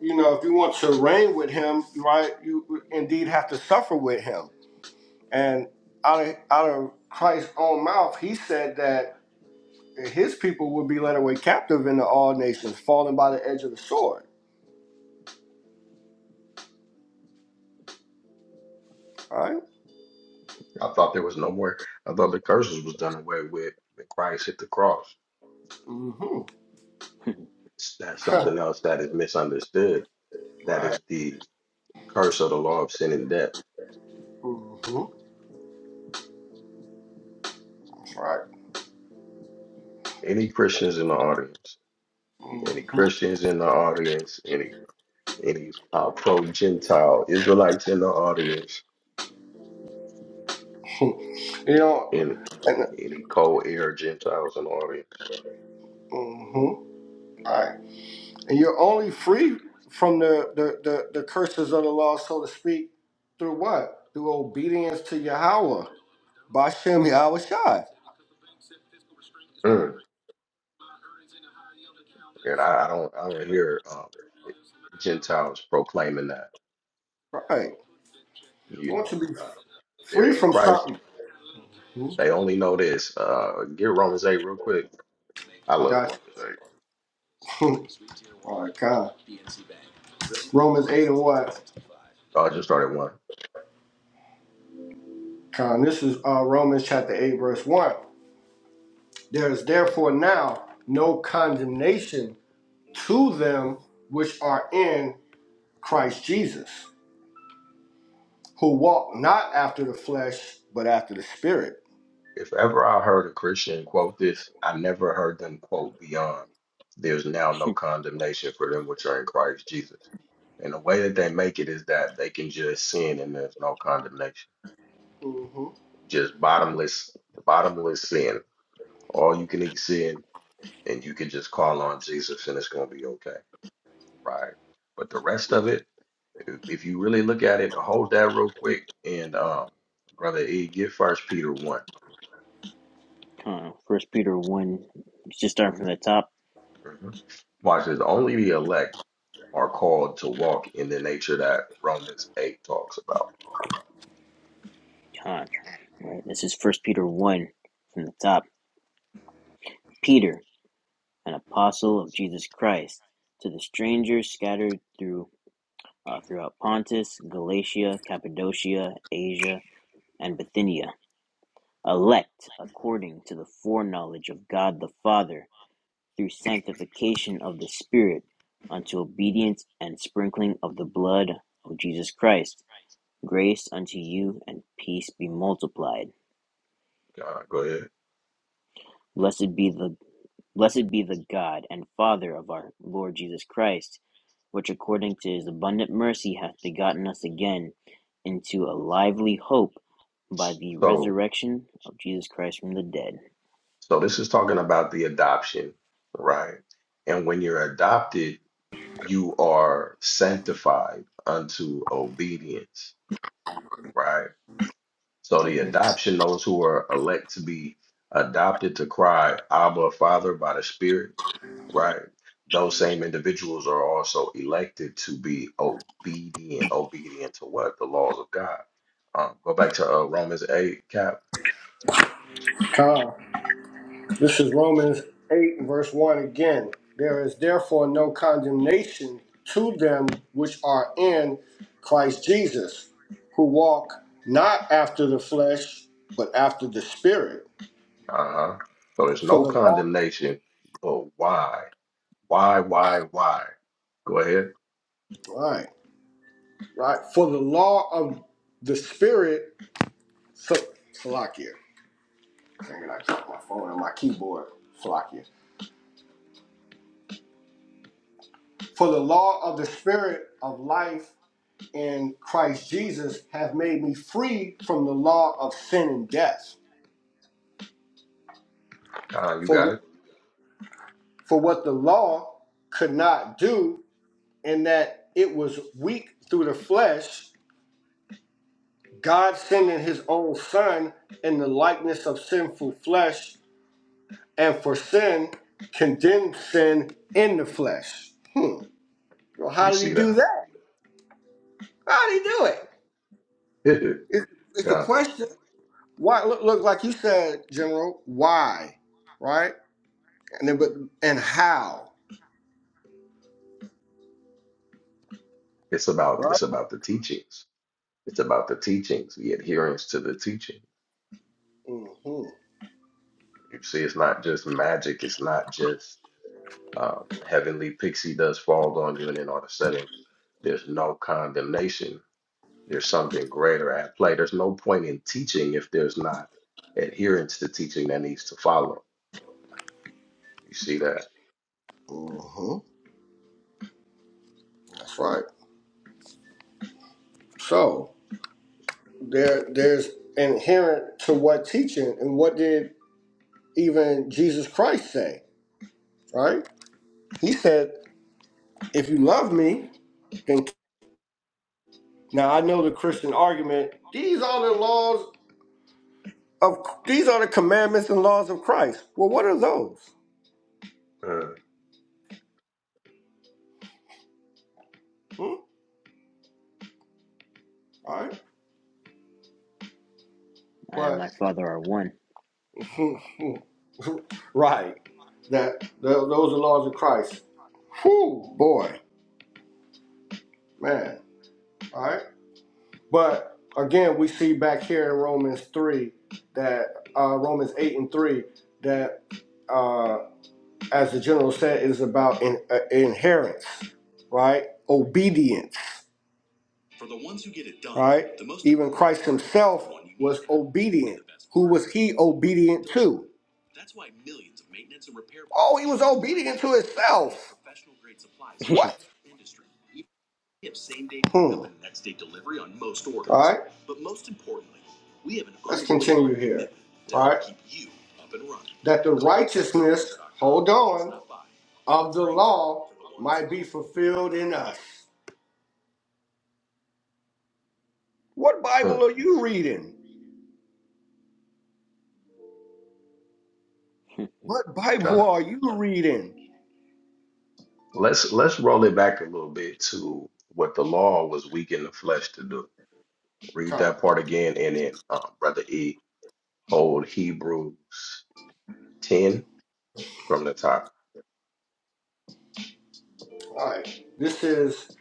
[SPEAKER 2] you know, if you want to reign with him, right, you indeed have to suffer with him. And out of, out of Christ's own mouth, he said that his people would be led away captive into all nations, falling by the edge of the sword. Right?
[SPEAKER 1] I thought there was no more. I thought the curses was done away with when Christ hit the cross.
[SPEAKER 2] Mm-hmm.
[SPEAKER 1] It's- That's something else that is misunderstood. That
[SPEAKER 2] right.
[SPEAKER 1] is the curse of the law of sin and death.
[SPEAKER 2] Mm-hmm. Right.
[SPEAKER 1] Any Christians in the audience, any
[SPEAKER 2] Mm-hmm.
[SPEAKER 1] Christians in the audience, any any uh, pro Gentile Israelites in the audience,
[SPEAKER 2] You know,
[SPEAKER 1] any
[SPEAKER 2] and
[SPEAKER 1] any cold air Gentiles in the audience.
[SPEAKER 2] mm-hmm. right. And you're only free from the, the, the, the curses of the law, so to speak, through what? Through obedience to Yahweh Bashem Yahushai.
[SPEAKER 1] Mm. And I, I don't I don't hear um, Gentiles proclaiming that
[SPEAKER 2] Right. I
[SPEAKER 1] you
[SPEAKER 2] want
[SPEAKER 1] know
[SPEAKER 2] you to be
[SPEAKER 1] uh, they're
[SPEAKER 2] free
[SPEAKER 1] in
[SPEAKER 2] from
[SPEAKER 1] Christ
[SPEAKER 2] something. Hmm?
[SPEAKER 1] They only know this. Uh, get Romans 8 real quick. I love
[SPEAKER 2] Gotcha.
[SPEAKER 1] Romans 8.
[SPEAKER 2] All right, Con. Romans 8 and what?
[SPEAKER 1] Oh, I just started one.
[SPEAKER 2] Con, this is uh, Romans chapter 8, verse 1. There is therefore now no condemnation to them which are in Christ Jesus, who walk not after the flesh, but after the Spirit.
[SPEAKER 1] If ever I heard a Christian quote this, I never heard them quote beyond. There's now no condemnation for them which are in Christ Jesus. And the way that they make it is that they can just sin and there's no condemnation.
[SPEAKER 2] Mm-hmm.
[SPEAKER 1] Just bottomless, bottomless sin. All you can eat sin and you can just call on Jesus and it's gonna be okay. Right. But the rest of it, If you really look at it, hold that real quick, and um, brother E, get First Peter one.
[SPEAKER 3] Huh. First Peter 1, it's just starting from the top.
[SPEAKER 1] hmm Watch this. Only the elect are called to walk in the nature that Romans eight talks about.
[SPEAKER 3] Huh. Right. This is First Peter 1 from the top. Peter. an apostle of Jesus Christ, to the strangers scattered through uh, throughout Pontus, Galatia, Cappadocia, Asia, and Bithynia, elect according to the foreknowledge of God the Father, through sanctification of the Spirit, unto obedience and sprinkling of the blood of Jesus Christ. Grace unto you and peace be multiplied.
[SPEAKER 1] Uh, go ahead.
[SPEAKER 3] Blessed be the Blessed be the God and Father of our Lord Jesus Christ, which according to his abundant mercy hath begotten us again into a lively hope by the
[SPEAKER 1] So,
[SPEAKER 3] resurrection of Jesus Christ from the dead.
[SPEAKER 1] so this is talking about the adoption, right? And when you're adopted, you are sanctified unto obedience, right? So the
[SPEAKER 3] Mhm.
[SPEAKER 1] adoption, those who are elect to be adopted to cry, Abba, Father, by the Spirit Right. Those same individuals are also elected to be obedient, obedient to what? The laws of God. Um, go back to uh, Romans 8, Cap.
[SPEAKER 2] Con. This is Romans 8 and verse 1 again. There is therefore no condemnation to them which are in Christ Jesus, who walk not after the flesh, but after the Spirit.
[SPEAKER 1] Uh-huh. So there's
[SPEAKER 2] For
[SPEAKER 1] no
[SPEAKER 2] the law,
[SPEAKER 1] condemnation, but why? Why, why, why? Go ahead.
[SPEAKER 2] right, right. For the law of the Spirit, so, Salakia. Dang it, I dropped my phone on my keyboard. Salakia. For the law of the Spirit of life in Christ Jesus have made me free from the law of sin and death.
[SPEAKER 1] Con, you
[SPEAKER 2] For
[SPEAKER 1] got it.
[SPEAKER 2] for what the law could not do, in that it was weak through the flesh, God sending His own Son in the likeness of sinful flesh, and for sin condemned sin in the flesh. Hmm. Well,
[SPEAKER 1] You
[SPEAKER 2] how did He
[SPEAKER 1] see
[SPEAKER 2] do
[SPEAKER 1] that?
[SPEAKER 2] that? How did He do it? It's, it's the
[SPEAKER 1] Con,
[SPEAKER 2] question. Why? Look, look, like you said, General. Why? Right? and then but and how,
[SPEAKER 1] it's about
[SPEAKER 2] right?
[SPEAKER 1] it's about the teachings. It's about the teachings, the adherence to the teaching.
[SPEAKER 2] Mm-hmm.
[SPEAKER 1] You see, it's not just magic, it's not just um, heavenly pixie dust falls on you, and then all of a sudden, there's no condemnation. There's something greater at play. There's no point in teaching if there's not adherence to teaching that needs to follow. You see that?
[SPEAKER 2] hmm That's right. So there there's inherent to what teaching and what did even Jesus Christ say, right? He said, if you love me, then now I know the Christian argument, these are the laws of these are the commandments and laws of Christ. Well what are those?
[SPEAKER 1] Mm,
[SPEAKER 2] Hmm? All right.
[SPEAKER 3] I and my
[SPEAKER 2] But
[SPEAKER 3] Father are one.
[SPEAKER 2] right. That tho- those are laws of Christ. Whew, boy, man. All right. But again, we see back here in Romans 3 that uh, Romans 8 and 3 that, uh, as the general said, is about in, uh, inheritance, right? Obedience. For the ones who get it done, Right? The most Even Christ himself was obedient. Who was he obedient to? That's why millions of maintenance and repair. Oh, he was obedient to himself. Professional grade supplies. What? Hmm. All right. Let's continue here. right. That the righteousness, hold on, of the law might be fulfilled in us. What Bible
[SPEAKER 1] mm,
[SPEAKER 2] are you reading? What Bible
[SPEAKER 1] God.
[SPEAKER 2] are you reading?
[SPEAKER 1] Let's let's roll it back a little bit to what the law was weak in the flesh to do. Read
[SPEAKER 2] All
[SPEAKER 1] that part again, and then um, brother E, hold Hebrews ten from the top.
[SPEAKER 2] right. This is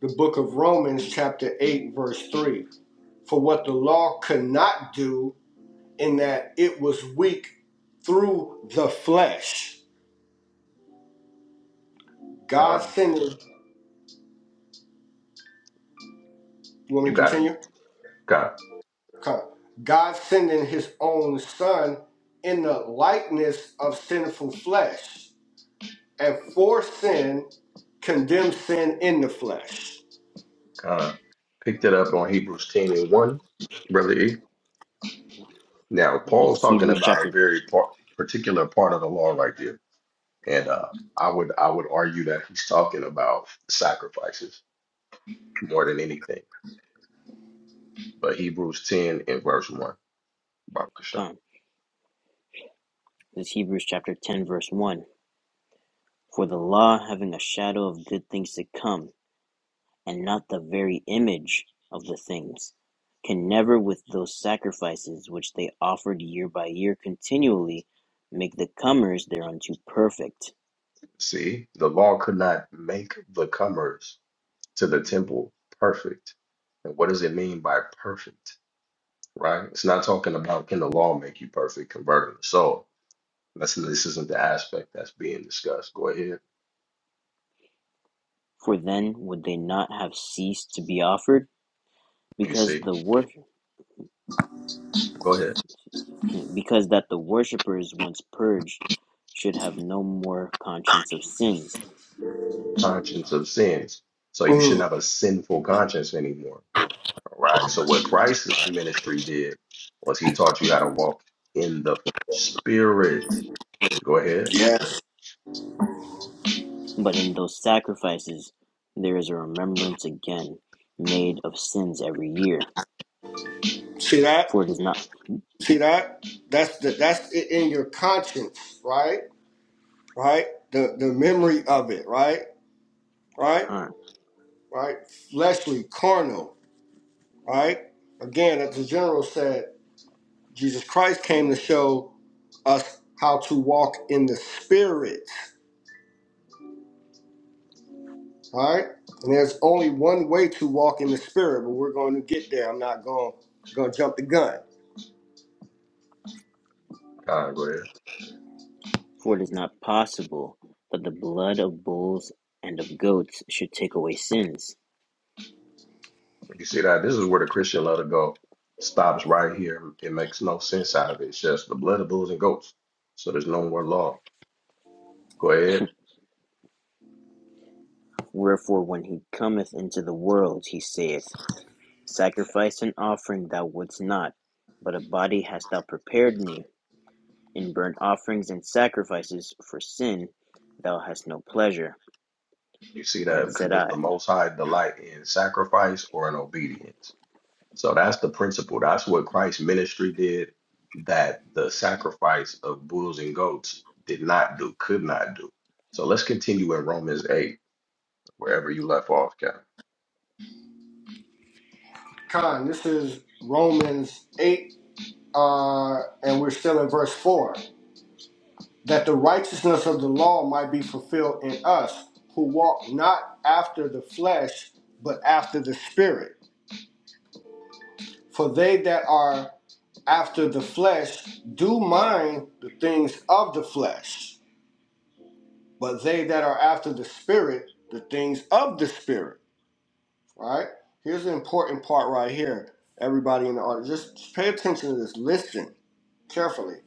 [SPEAKER 2] the book of Romans, chapter 8, verse 3. For what the law could not do, in that it was weak through the flesh. God
[SPEAKER 1] God,
[SPEAKER 2] sent it. You want
[SPEAKER 1] you
[SPEAKER 2] me to
[SPEAKER 1] got it.
[SPEAKER 2] continue?
[SPEAKER 1] God.
[SPEAKER 2] God sending his own son in the likeness of sinful flesh, and for sin, condemned sin in the flesh.
[SPEAKER 1] Uh, picked it up on Hebrews 10 and 1, Brother E. Now,
[SPEAKER 3] this
[SPEAKER 1] Paul's
[SPEAKER 3] is
[SPEAKER 1] talking
[SPEAKER 3] Hebrews
[SPEAKER 1] about a
[SPEAKER 3] chapter
[SPEAKER 1] very par particular part of the law right there. And uh, I would I would argue that he's talking about sacrifices more than anything. But Hebrews 10 and verse 1, Baruch Hashem.
[SPEAKER 3] um, This is Hebrews chapter 10 verse 1. For the law having a shadow of good things to come and not the very image of the things, can never with those sacrifices which they offered year by year continually make the comers thereunto perfect.
[SPEAKER 1] See, the law could not make the comers to the temple perfect. And what does it mean by perfect? Right? It's not talking about can the law make you perfect, converting the soul That's this isn't the aspect that's being discussed. Go ahead.
[SPEAKER 3] For then would they not have ceased to be offered,
[SPEAKER 1] You
[SPEAKER 3] because
[SPEAKER 1] see,
[SPEAKER 3] the wor-
[SPEAKER 1] go ahead.
[SPEAKER 3] because that the worshippers once purged should have no more conscience of sins.
[SPEAKER 1] Conscience of sins. So you shouldn't
[SPEAKER 2] Mm.
[SPEAKER 1] have a sinful conscience anymore. All right. So what Christ's ministry did was he taught you how to walk in the spirit. Go ahead.
[SPEAKER 2] Yes.
[SPEAKER 3] But in those sacrifices there is a remembrance again made of sins every year.
[SPEAKER 2] See
[SPEAKER 3] For
[SPEAKER 2] that?
[SPEAKER 3] it is not
[SPEAKER 2] See that? That's the that's it in your conscience, right? Right? The the memory of it, right? Right? Right? Fleshly, carnal, right? Again, as the general said, Jesus Christ came to show us how to walk in the spirit. All right. And there's only one way to walk in the spirit, but we're going to get there. I'm not going going to jump the gun.
[SPEAKER 1] God, go ahead.
[SPEAKER 3] For it is not possible that the blood of bulls and of goats should take away sins.
[SPEAKER 1] You see that? This is where the Christian letter go stops right here. It makes no sense out of it. It's just the blood of bulls and goats. So there's no more law. Go ahead.
[SPEAKER 3] Wherefore when he cometh into the world, he saith, Sacrifice and offering thou wouldst not, but a body hast thou prepared me. In burnt offerings and sacrifices for sin thou hast no pleasure.
[SPEAKER 1] You see that?
[SPEAKER 3] Then
[SPEAKER 1] Because
[SPEAKER 3] said
[SPEAKER 1] does the
[SPEAKER 3] I,
[SPEAKER 1] Most High delight in sacrifice or in obedience? So that's the principle. That's what Christ's ministry did that the sacrifice of bulls and goats did not do, could not do. So let's continue in Romans 8, wherever you left off, Cap.
[SPEAKER 2] Con, this is Romans 8, uh, and we're still in verse 4. That the righteousness of the law might be fulfilled in us who walk not after the flesh, but after the spirit. For they that are after the flesh do mind the things of the flesh, but they that are after the spirit, the things of the spirit. All right. Here's the important part right here. Everybody in the audience, just just pay attention to this. Listen carefully.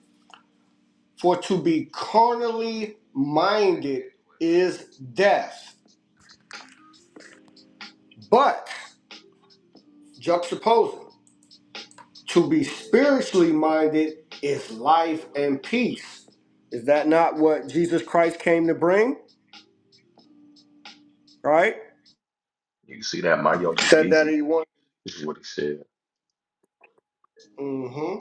[SPEAKER 2] For to be carnally minded is death, but juxtaposing, to be spiritually minded is life and peace. Is that not what Jesus Christ came to bring? Right?
[SPEAKER 1] You see that my yoke is
[SPEAKER 2] Said that
[SPEAKER 1] easy.
[SPEAKER 2] he wanted.
[SPEAKER 1] This is what he said.
[SPEAKER 2] Mm-hmm.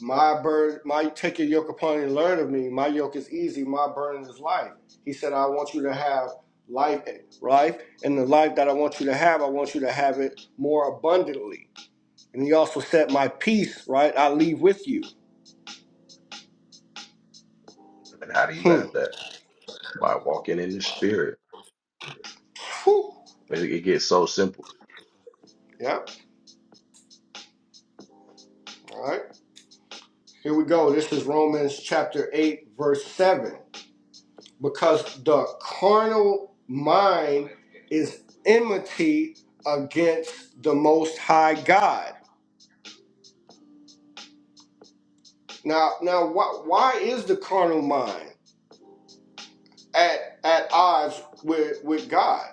[SPEAKER 2] My burden, my take your yoke upon you and learn of me. My yoke is easy, my burden is light. He said, I want you to have life, life, and the life that I want you to have, I want you to have it more abundantly. And he also said, My peace, right, I leave with you.
[SPEAKER 1] And how do you
[SPEAKER 2] Hmm.
[SPEAKER 1] have that? By walking in the spirit.
[SPEAKER 2] Whew.
[SPEAKER 1] It, it gets so simple.
[SPEAKER 2] Yep. All right. Here we go. This is Romans chapter 8, verse 7. Because the carnal mind is enmity against the Most High God Now, now, why, why is the carnal mind at at odds with with God?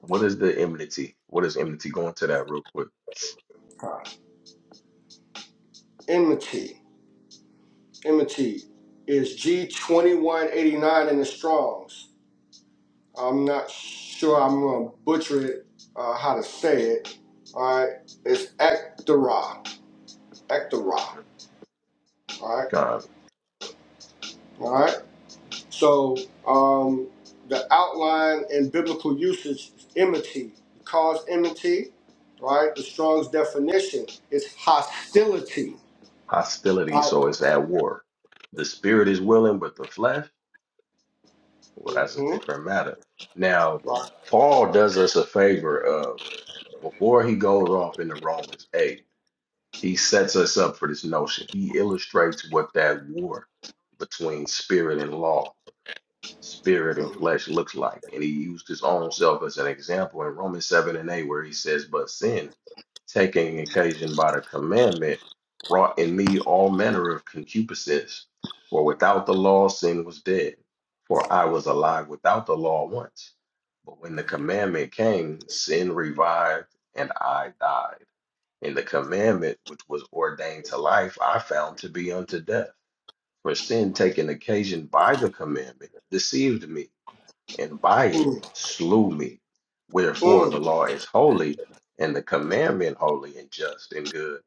[SPEAKER 1] What is the enmity? What is enmity? Go into that real quick.
[SPEAKER 2] Enmity, enmity is G twenty one eighty nine in the Strong's. I'm not sure I'm gonna butcher it. Uh, how to say it? All right, it's ectera, ectera. All right,
[SPEAKER 1] God,
[SPEAKER 2] all right. So um, the outline in biblical usage is enmity. The cause enmity, right? The Strong's definition is hostility.
[SPEAKER 1] hostility.
[SPEAKER 2] Right.
[SPEAKER 1] So it's at war. The spirit is willing, but the flesh. Well,
[SPEAKER 2] mm
[SPEAKER 1] that's a
[SPEAKER 2] hmm
[SPEAKER 1] different matter. Now,
[SPEAKER 2] Right.
[SPEAKER 1] Paul does us a favor of before he goes off into Romans 8, he sets us up for this notion. He illustrates what that war between spirit and law spirit and
[SPEAKER 2] Mm-hmm.
[SPEAKER 1] flesh looks like. And he used his own self as an example in Romans 7 and 8, where he says, But sin, taking occasion by the commandment, wrought in me all manner of concupiscence. For without the law, sin was dead. For I was alive without the law once. But when the commandment came, sin revived and I died. And the commandment which was ordained to life, I found to be unto death. For sin, taking occasion by the commandment, deceived me and by it slew me. Wherefore
[SPEAKER 2] Mm-hmm.
[SPEAKER 1] the law is holy, and the commandment holy and just and good.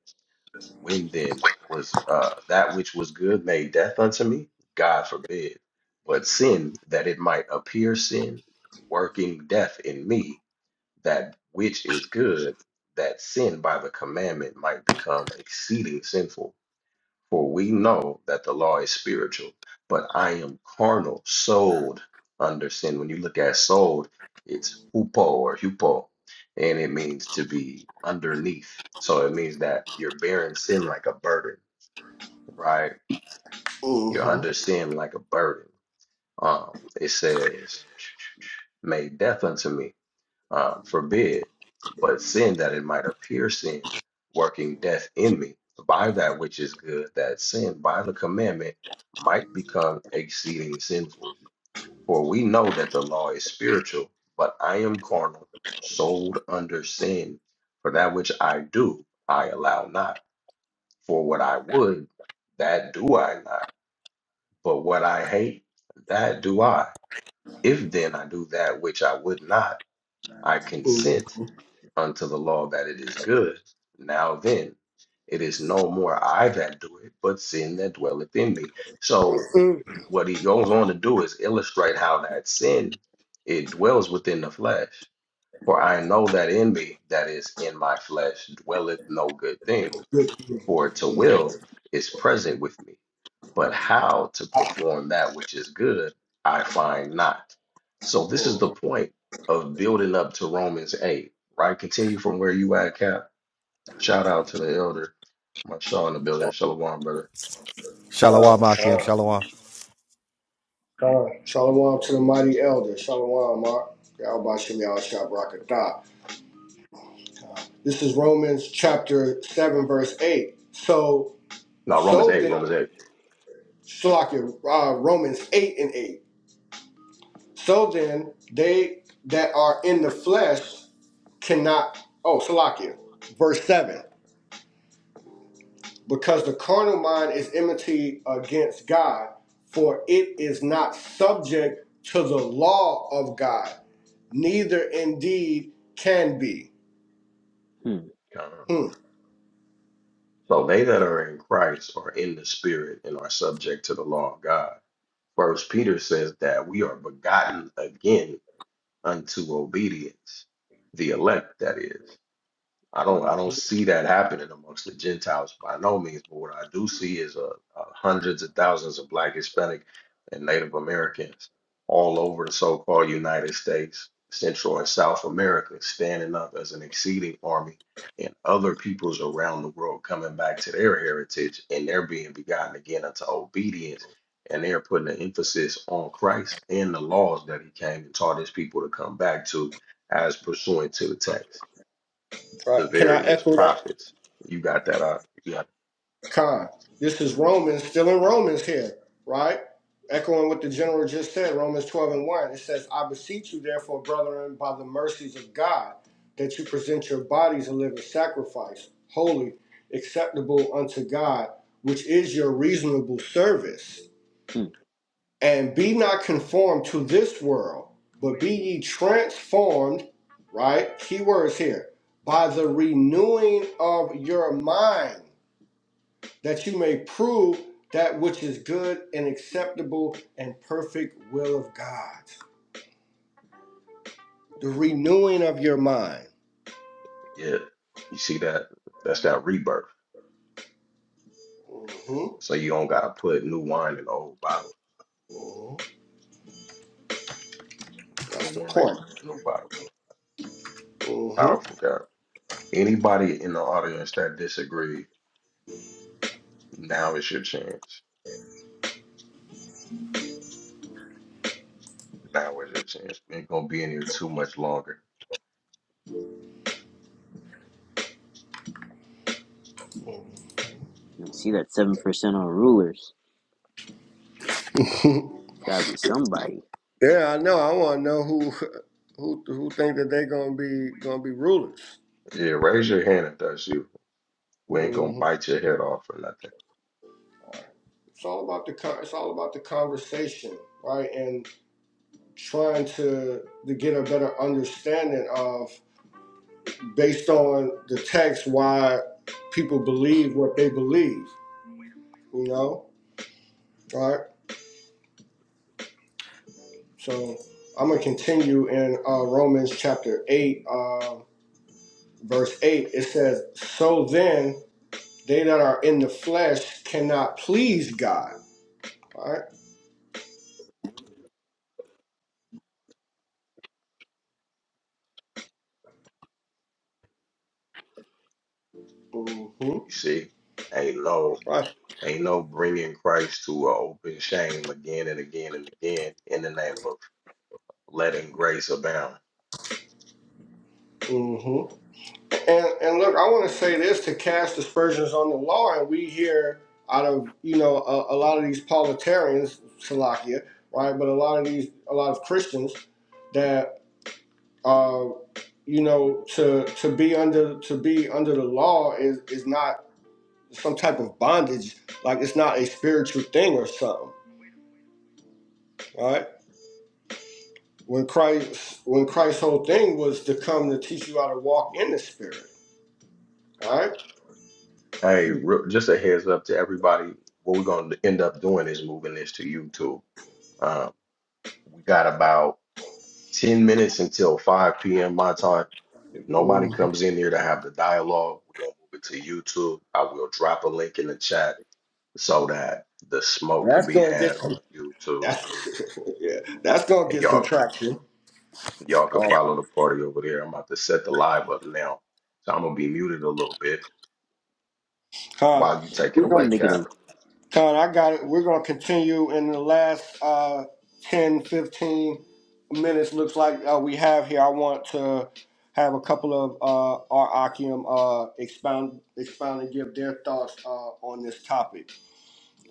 [SPEAKER 1] When then was uh, that which was good made death unto me? God forbid. But sin, that it might appear sin, working death in me, that which is good, that sin by the commandment might become exceeding sinful. For we know that the law is spiritual, but I am carnal, sold under sin. When you look at sold, it's hupo or hupo, and it means to be underneath. So it means that you're bearing sin like a burden, right? You're
[SPEAKER 2] Mm-hmm.
[SPEAKER 1] under sin like a burden. Um, it says, May death unto me. uh, forbid, but sin that it might appear sin, working death in me, by that which is good, that sin by the commandment might become exceeding sinful. For we know that the law is spiritual, but I am carnal, sold under sin. For that which I do, I allow not. For what I would, that do I not. But what I hate, that do I. If then I do that which I would not, I consent unto the law that it is good. Now then, it is no more I that do it, but sin that dwelleth in me. So
[SPEAKER 2] Come,
[SPEAKER 1] what he goes on to do is illustrate how that sin it dwells within the flesh. For I know that in me, that is in my flesh, dwelleth no good thing. For to will is present with me, but how to perform that which is good, I find not. So this is the point of building up to Romans 8, right? Continue from where you at, Cap. Shout out to the elder, my Shaw in the building, Shalom, brother.
[SPEAKER 4] Shalom, Akim,
[SPEAKER 2] come,
[SPEAKER 4] Shalom.
[SPEAKER 2] come. Shalom to the mighty elder. Shalom, Mark. Yahweh Shem Yahweh Shah Barakatah. This is Romans chapter 7, verse 8. So,
[SPEAKER 1] No, Romans
[SPEAKER 2] so
[SPEAKER 1] 8,
[SPEAKER 2] then.
[SPEAKER 1] Romans 8.
[SPEAKER 2] Shalakia, uh, Romans 8 and 8. So then, they that are in the flesh cannot. Oh, Salakia, verse 7. Because the carnal mind is enmity against God, for it is not subject to the law of God, neither indeed can be.
[SPEAKER 3] Hmm,
[SPEAKER 1] Um,
[SPEAKER 2] Hmm.
[SPEAKER 1] So they that are in Christ are in the spirit and are subject to the law of God. First Peter says that we are begotten again unto obedience, the elect that is. I don't I don't
[SPEAKER 2] Mhm.
[SPEAKER 1] see that happening amongst the Gentiles by no means. But what I do see is uh, uh, hundreds of thousands of Black, Hispanic, and Native Americans all over the so-called United States, Central and South America, standing up as an exceeding army, and other peoples around the world coming back to their heritage, and they're being begotten again unto obedience, and they're putting an emphasis on Christ and the laws that He came and taught His people to come back to, as pursuant to the text
[SPEAKER 2] Right.
[SPEAKER 1] the
[SPEAKER 2] Can I
[SPEAKER 1] various
[SPEAKER 2] echo that?
[SPEAKER 1] prophets. You got that out. You got
[SPEAKER 2] Con. This is Romans, still in Romans here, right? Echoing what the general just said, Romans 12 and 1. It says, I beseech you, therefore, brethren, by the mercies of God, that you present your bodies a living sacrifice, holy, acceptable unto God, which is your reasonable service.
[SPEAKER 3] hmm,
[SPEAKER 2] And be not conformed to this world, but be ye transformed, right? Key words here, by the renewing of your mind that you may prove that which is good and acceptable and perfect will of God. The renewing of your mind.
[SPEAKER 1] yeah. You see that? That's that rebirth.
[SPEAKER 2] hmm
[SPEAKER 1] So you don't gotta put new wine in the old bottle.
[SPEAKER 2] hmm
[SPEAKER 1] New
[SPEAKER 2] That's the
[SPEAKER 1] wine,
[SPEAKER 2] point.
[SPEAKER 1] new bottle.
[SPEAKER 2] hmm
[SPEAKER 1] Powerful God. Anybody in the audience that disagree, now is your chance. Now is your chance. We ain't gonna be in here too much longer.
[SPEAKER 3] I see that 7% on rulers. It's gotta be somebody.
[SPEAKER 2] yeah, I know. I want to know who who who think that they're gonna be gonna be rulers.
[SPEAKER 1] Yeah, raise your hand if that's you. We ain't gonna
[SPEAKER 2] hmm
[SPEAKER 1] bite your head off or nothing.
[SPEAKER 2] It's all about the it's all about the conversation, right? And trying to to get a better understanding of. based on the text why people believe what they believe, you know? All right. So I'm going to continue in uh, Romans chapter 8, uh, verse 8. It says, So then, they that are in the flesh cannot please God. All right. Mm-hmm.
[SPEAKER 1] You see? Ain't no
[SPEAKER 2] Right.
[SPEAKER 1] Ain't no bringing Christ to an open shame again and again and again in the name of letting grace abound.
[SPEAKER 2] Mhm. And and look, I want to say this to cast aspersions on the law, and we hear out of you know a, a lot of these politicians, Salakia, right? But a lot of these, a lot of Christians that uh, you know to to be under to be under the law is is not some type of bondage, like it's not a spiritual thing or something, right? When Christ when Christ's whole thing was to come to teach you how to walk in the Spirit, all
[SPEAKER 1] Uh,
[SPEAKER 2] right?
[SPEAKER 1] hey,
[SPEAKER 3] Hmm,
[SPEAKER 1] re- just a heads up to everybody. What we're going to end up doing is moving this to YouTube. Uh, we got about 10 minutes until 5 p.m. my time. If nobody
[SPEAKER 2] Mm.
[SPEAKER 1] comes in here to have the dialogue, we're going to move it to YouTube. I will drop a link in the chat so that the smoke can
[SPEAKER 2] That's
[SPEAKER 1] be
[SPEAKER 2] gonna
[SPEAKER 1] had
[SPEAKER 2] get
[SPEAKER 1] on YouTube.
[SPEAKER 2] That's yeah. That's gonna
[SPEAKER 1] And
[SPEAKER 2] get some
[SPEAKER 1] y'all,
[SPEAKER 2] traction.
[SPEAKER 1] y'all can
[SPEAKER 2] Uh,
[SPEAKER 1] follow the party over there. I'm about to set the live up now. So I'm going to be muted a little bit
[SPEAKER 2] Con,
[SPEAKER 1] while you
[SPEAKER 3] yeah,
[SPEAKER 1] take it
[SPEAKER 2] we're
[SPEAKER 3] we
[SPEAKER 2] gonna
[SPEAKER 3] can
[SPEAKER 1] away,
[SPEAKER 3] make it
[SPEAKER 1] Cap.
[SPEAKER 3] a
[SPEAKER 2] Con, I got it. We're gonna continue in the last uh 10, fifteen minutes looks like uh, we have here. I want to have a couple of uh our Akim uh expound expound and give their thoughts uh on this topic.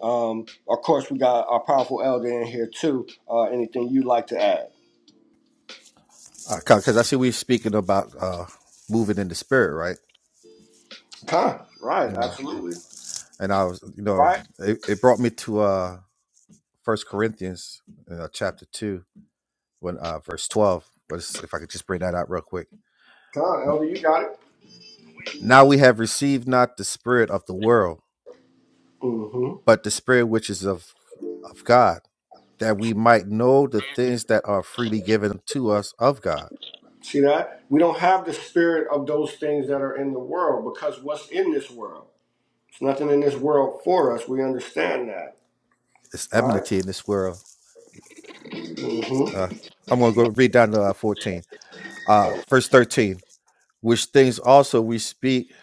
[SPEAKER 2] Um of course we got our powerful elder in here too. Uh anything you'd like to add?
[SPEAKER 4] Because I see we speaking about uh, moving in the spirit, right?
[SPEAKER 2] Con, right,
[SPEAKER 4] You know,
[SPEAKER 2] absolutely.
[SPEAKER 4] and I was, you know,
[SPEAKER 2] Right?
[SPEAKER 4] it, it brought me to uh First Corinthians uh, chapter two, when uh, verse twelve. Was if I could just bring that out real quick.
[SPEAKER 2] Con,
[SPEAKER 4] N-
[SPEAKER 2] elder, you got
[SPEAKER 4] Now we have received not the spirit of the world,
[SPEAKER 2] it.
[SPEAKER 4] but the spirit which is of of God, that we might know the things that are freely given to us of God.
[SPEAKER 2] See that? We don't have the spirit of those things that are in the world because what's in this world? It's nothing in this world for us. We understand that,
[SPEAKER 4] It's
[SPEAKER 2] right?
[SPEAKER 4] enmity in this world. Uh, I'm gonna go read down to uh, fourteen. Uh,
[SPEAKER 2] Mm-hmm.
[SPEAKER 4] verse thirteen. which things also we speak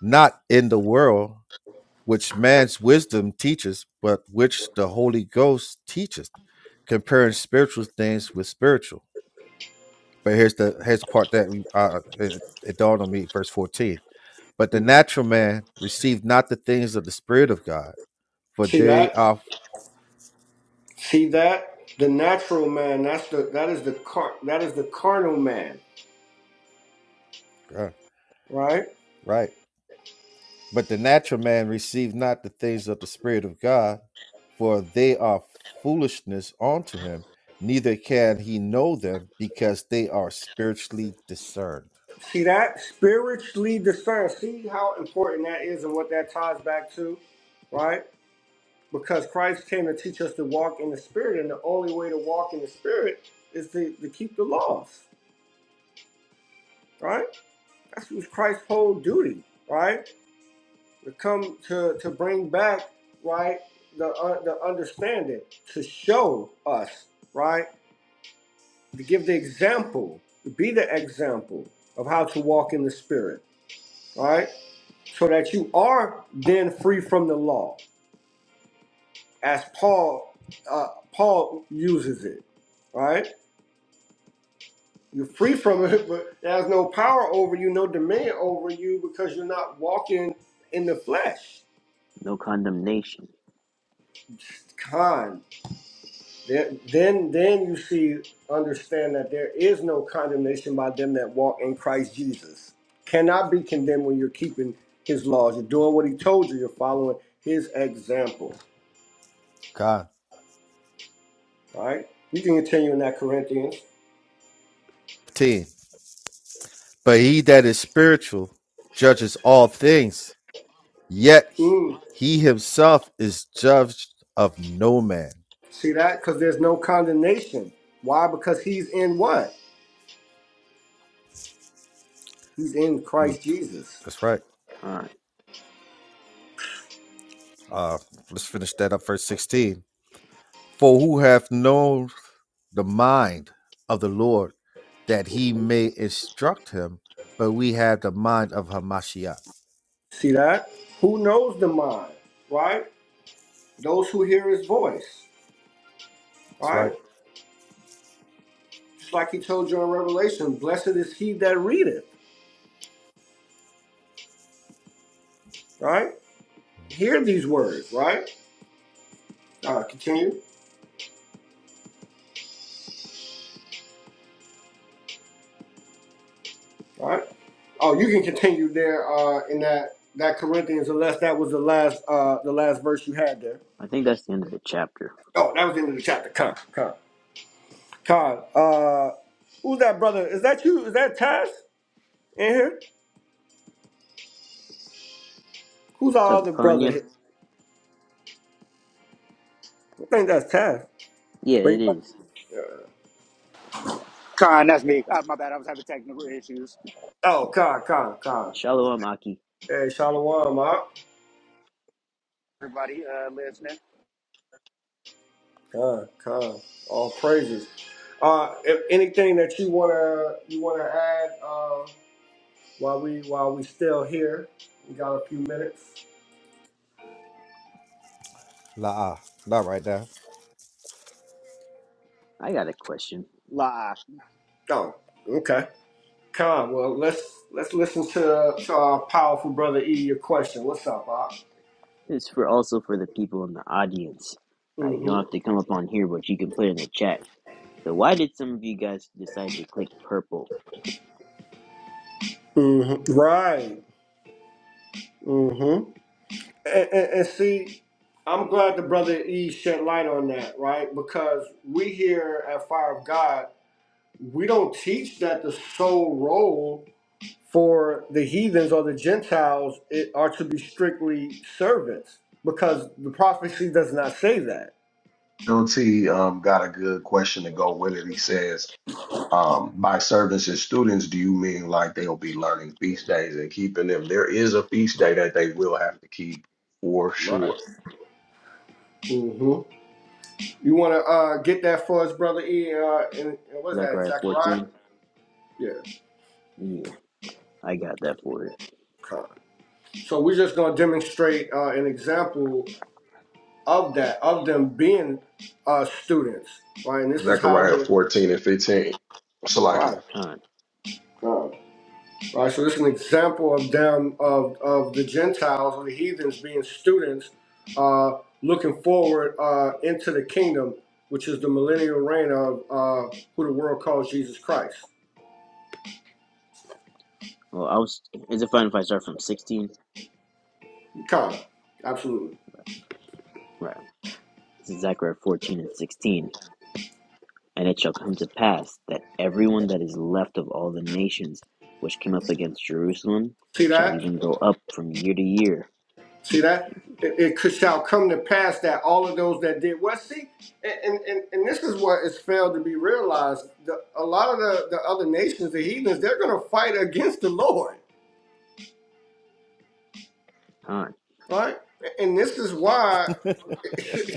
[SPEAKER 4] not in the world, which man's wisdom teaches, but which the Holy Ghost teaches, comparing spiritual things with spiritual. But here's the here's the part that we, uh, it, it dawned on me, verse fourteen. But the natural man received not the things of the Spirit of God, for
[SPEAKER 2] See
[SPEAKER 4] they
[SPEAKER 2] that?
[SPEAKER 4] are
[SPEAKER 2] See that? The natural man, that's the that is the car that is the carnal man,
[SPEAKER 4] uh,
[SPEAKER 2] right?
[SPEAKER 4] right. But the natural man received not the things of the Spirit of God, for they are foolishness unto him, neither can he know them, because they are spiritually discerned.
[SPEAKER 2] See that? Spiritually discerned. See how important that is and what that ties back to, right? Because Christ came to teach us to walk in the spirit, and the only way to walk in the spirit is to, to keep the laws. right? That was Christ's whole duty, right? To come to to bring back, right, the uh, the understanding, to show us, right, to give the example, to be the example of how to walk in the Spirit, right? So that you are then free from the law, as Paul uh, Paul uses it, right? You're free from it, but it has no power over you, no dominion over you, because you're not walking in the flesh
[SPEAKER 3] no condemnation.
[SPEAKER 2] Con. There, then, then you see, understand that there is no condemnation by them that walk in Christ Jesus. Cannot be condemned when you're keeping His laws. You're doing what He told you. You're following His example.
[SPEAKER 4] God.
[SPEAKER 2] All right. You can continue in that Corinthians.
[SPEAKER 4] 15. But he that is spiritual judges all things, yet
[SPEAKER 2] Mm.
[SPEAKER 4] he himself is judged of no man.
[SPEAKER 2] See that? Because there's no condemnation. Why? Because He's in what? He's in Christ Jesus.
[SPEAKER 4] That's right.
[SPEAKER 3] All right.
[SPEAKER 4] Uh, let's finish that up, verse 16. For who hath known the mind of the Lord? that he may instruct him, but we have the mind of Hamashiach.
[SPEAKER 2] See that? Who knows the mind? Right? Those who hear His voice.
[SPEAKER 4] That's
[SPEAKER 2] Right?
[SPEAKER 4] right.
[SPEAKER 2] It's like he told you in Revelation, blessed is he that readeth, right? Hear these words, right? Uh, continue, right? Oh, you can continue there uh, in that that Corinthians, unless that was the last uh, the last verse you had there.
[SPEAKER 3] I think that's the end of the chapter.
[SPEAKER 2] Oh, that was the end of the chapter. Con, con, con. Uh, who's that brother? Is that you? Is that Taz in here? Who's our other brother?
[SPEAKER 3] Tazapanya.
[SPEAKER 2] I think that's Taz.
[SPEAKER 3] Yeah,
[SPEAKER 2] But he
[SPEAKER 3] it
[SPEAKER 2] might-
[SPEAKER 3] is.
[SPEAKER 5] Con, that's me. Uh, my bad. I was having technical issues.
[SPEAKER 2] Oh, con, con, con.
[SPEAKER 3] Shalom, Aki.
[SPEAKER 2] Hey, Shalom, huh?
[SPEAKER 5] Everybody uh, listening.
[SPEAKER 2] God, God, all praises. Uh, if anything that you wanna you wanna add uh, while we while we still here, we got a few minutes.
[SPEAKER 4] La, not right there.
[SPEAKER 3] I got a question.
[SPEAKER 5] La.
[SPEAKER 2] Oh, okay. Con, well let's let's listen to, to our powerful brother E. Your question. What's up, Bob?
[SPEAKER 3] It's for also for the people in the audience. All right, you don't have
[SPEAKER 2] Mm-hmm.
[SPEAKER 3] to come up on here, but you can put in the chat. So, why did some of you guys decide to click purple?
[SPEAKER 2] Mm-hmm. Right. Mm-hmm. And, and, and see, I'm glad the brother E. shed light on that, right? Because we here at Fire of God, we don't teach that the soul role for the heathens or the Gentiles it are to be strictly servants because the prophecy does not say that.
[SPEAKER 1] LT um, got a good question to go with it. He says, um, by servants and students, do you mean like they'll be learning feast days and keeping them? There is a feast day that they will have to keep for sure.
[SPEAKER 2] Right. hmm You want to uh, get that for us, brother E? Uh, in, in- what is that in
[SPEAKER 3] Zechariah
[SPEAKER 2] Zechariah?
[SPEAKER 3] 14?
[SPEAKER 2] Yeah.
[SPEAKER 3] Yeah, I got that for it.
[SPEAKER 2] okay. So we're just gonna demonstrate uh, an example of that, of them being uh, students, right? And this is how
[SPEAKER 1] Zechariah
[SPEAKER 2] they're
[SPEAKER 1] 14 and 15.
[SPEAKER 2] right.
[SPEAKER 1] Salakia.
[SPEAKER 3] Con.
[SPEAKER 2] All right, so this is an example of them of of the Gentiles or the heathens being students, uh, looking forward uh, into the kingdom, which is the millennial reign of uh, who the world calls Jesus Christ.
[SPEAKER 3] Well, I was. Is it fine if I start from 16?
[SPEAKER 2] Come, absolutely.
[SPEAKER 3] Right. This is Zechariah 14 and 16. And it shall come to pass that everyone that is left of all the nations which came up against Jerusalem
[SPEAKER 2] See
[SPEAKER 3] shall
[SPEAKER 2] that?
[SPEAKER 3] even go up from year to year
[SPEAKER 2] See that? It, it could shall come to pass that all of those that did well. See, and and, and and this is what has failed to be realized. The, a lot of the, the other nations, the heathens, they're going to fight against the Lord,
[SPEAKER 3] Huh.
[SPEAKER 2] right? And this is why.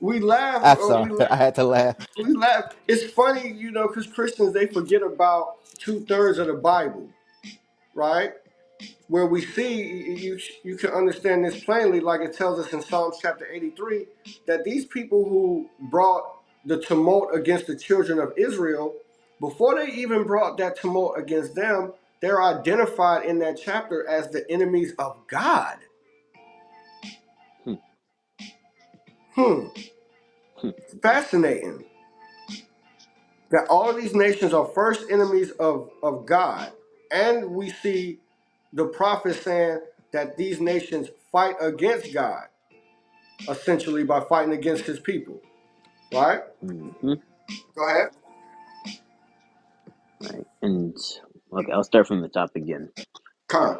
[SPEAKER 2] we laugh
[SPEAKER 4] I'm
[SPEAKER 2] or we
[SPEAKER 4] sorry.
[SPEAKER 2] la-
[SPEAKER 4] I had to laugh.
[SPEAKER 2] we laugh. It's funny, you know, because Christians they forget about two thirds of the Bible, right? Where we see you you can understand this plainly, like it tells us in Psalms chapter eighty three, that these people who brought the tumult against the children of Israel, before they even brought that tumult against them, they're identified in that chapter as the enemies of God.
[SPEAKER 3] Hmm.
[SPEAKER 2] Hmm,
[SPEAKER 3] Hmm.
[SPEAKER 2] fascinating. that all of these nations are first enemies of, of God. And we see the prophet saying that these nations fight against God, essentially by fighting against his people. Right?
[SPEAKER 3] Mm-hmm.
[SPEAKER 2] Go ahead.
[SPEAKER 3] Right. And look, I'll start from the top again. Right.
[SPEAKER 2] Con.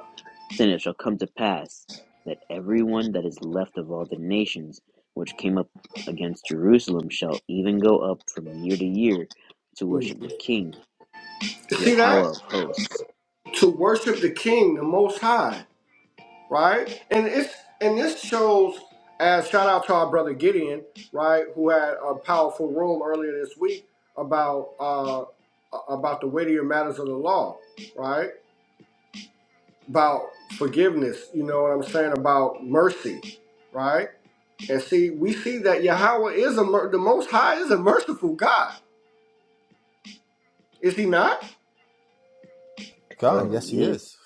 [SPEAKER 3] Then it shall come to pass that everyone that is left of all the nations which came up against Jerusalem shall even go up from year to year to
[SPEAKER 2] Mm.
[SPEAKER 3] worship the King,
[SPEAKER 2] See that?
[SPEAKER 3] Yahweh of hosts.
[SPEAKER 2] To worship the King, the Most High, right? And it's and this shows as shout out to our brother Gideon, right, who had a powerful room earlier this week about uh about the weightier matters of the law, right? about forgiveness, you know what I'm saying, about mercy, right? And see, we see that Yahweh is a mer- the most high is a merciful God. Is he not?
[SPEAKER 4] God,
[SPEAKER 1] Um,
[SPEAKER 4] yes, he
[SPEAKER 3] He is.
[SPEAKER 4] is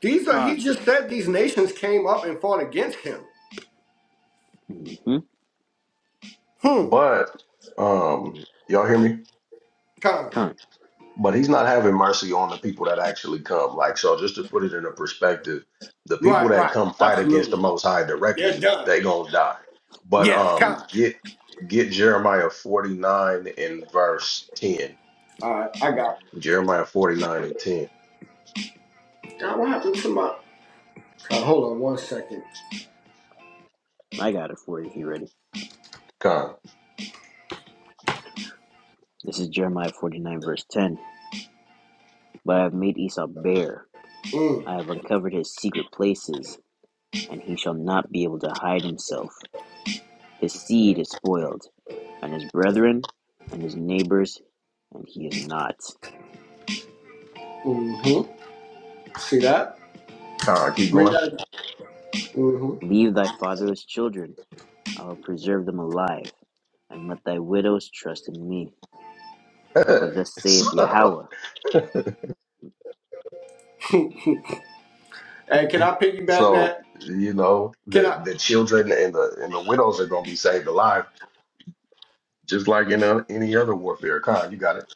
[SPEAKER 2] These are he
[SPEAKER 5] Con.
[SPEAKER 2] just said these nations came up and fought against him.
[SPEAKER 3] Mm-hmm.
[SPEAKER 2] Hmm.
[SPEAKER 1] but um, y'all hear me?
[SPEAKER 2] Con.
[SPEAKER 3] Huh.
[SPEAKER 1] but he's not having mercy on the people that actually come. Like, so just to put it in a perspective, the people
[SPEAKER 2] Right,
[SPEAKER 1] that
[SPEAKER 2] right.
[SPEAKER 1] come fight against the
[SPEAKER 2] Absolutely.
[SPEAKER 1] Most High
[SPEAKER 2] They're
[SPEAKER 1] directly,
[SPEAKER 2] done.
[SPEAKER 1] they gonna die. But
[SPEAKER 2] Yes,
[SPEAKER 1] um,
[SPEAKER 2] Con.
[SPEAKER 1] get get Jeremiah forty nine and verse ten.
[SPEAKER 2] Alright, I got
[SPEAKER 1] Jeremiah forty nine and ten.
[SPEAKER 2] it. God, what happened to my God, hold on one second.
[SPEAKER 3] I got it for you if you're ready.
[SPEAKER 1] Con,
[SPEAKER 3] This is Jeremiah 49, verse 10. But I have made Esau bare,
[SPEAKER 2] Mm.
[SPEAKER 3] I have uncovered his secret places, and he shall not be able to hide himself. His seed is spoiled, and his brethren and his neighbors, and he is not.
[SPEAKER 2] Mm-hmm. See that?
[SPEAKER 1] con, keep
[SPEAKER 2] Read
[SPEAKER 1] going.
[SPEAKER 2] that. Mm-hmm.
[SPEAKER 3] Leave thy fatherless children, I will preserve them alive, and let thy widows trust in me. For thus saith
[SPEAKER 1] so,
[SPEAKER 3] Yahweh.
[SPEAKER 2] Hey, can I piggyback
[SPEAKER 1] so
[SPEAKER 2] that?
[SPEAKER 1] you know
[SPEAKER 2] Can
[SPEAKER 1] the
[SPEAKER 2] I?
[SPEAKER 1] the children and the and the widows are gonna be saved alive, just like in a, any other warfare. Con, you got it.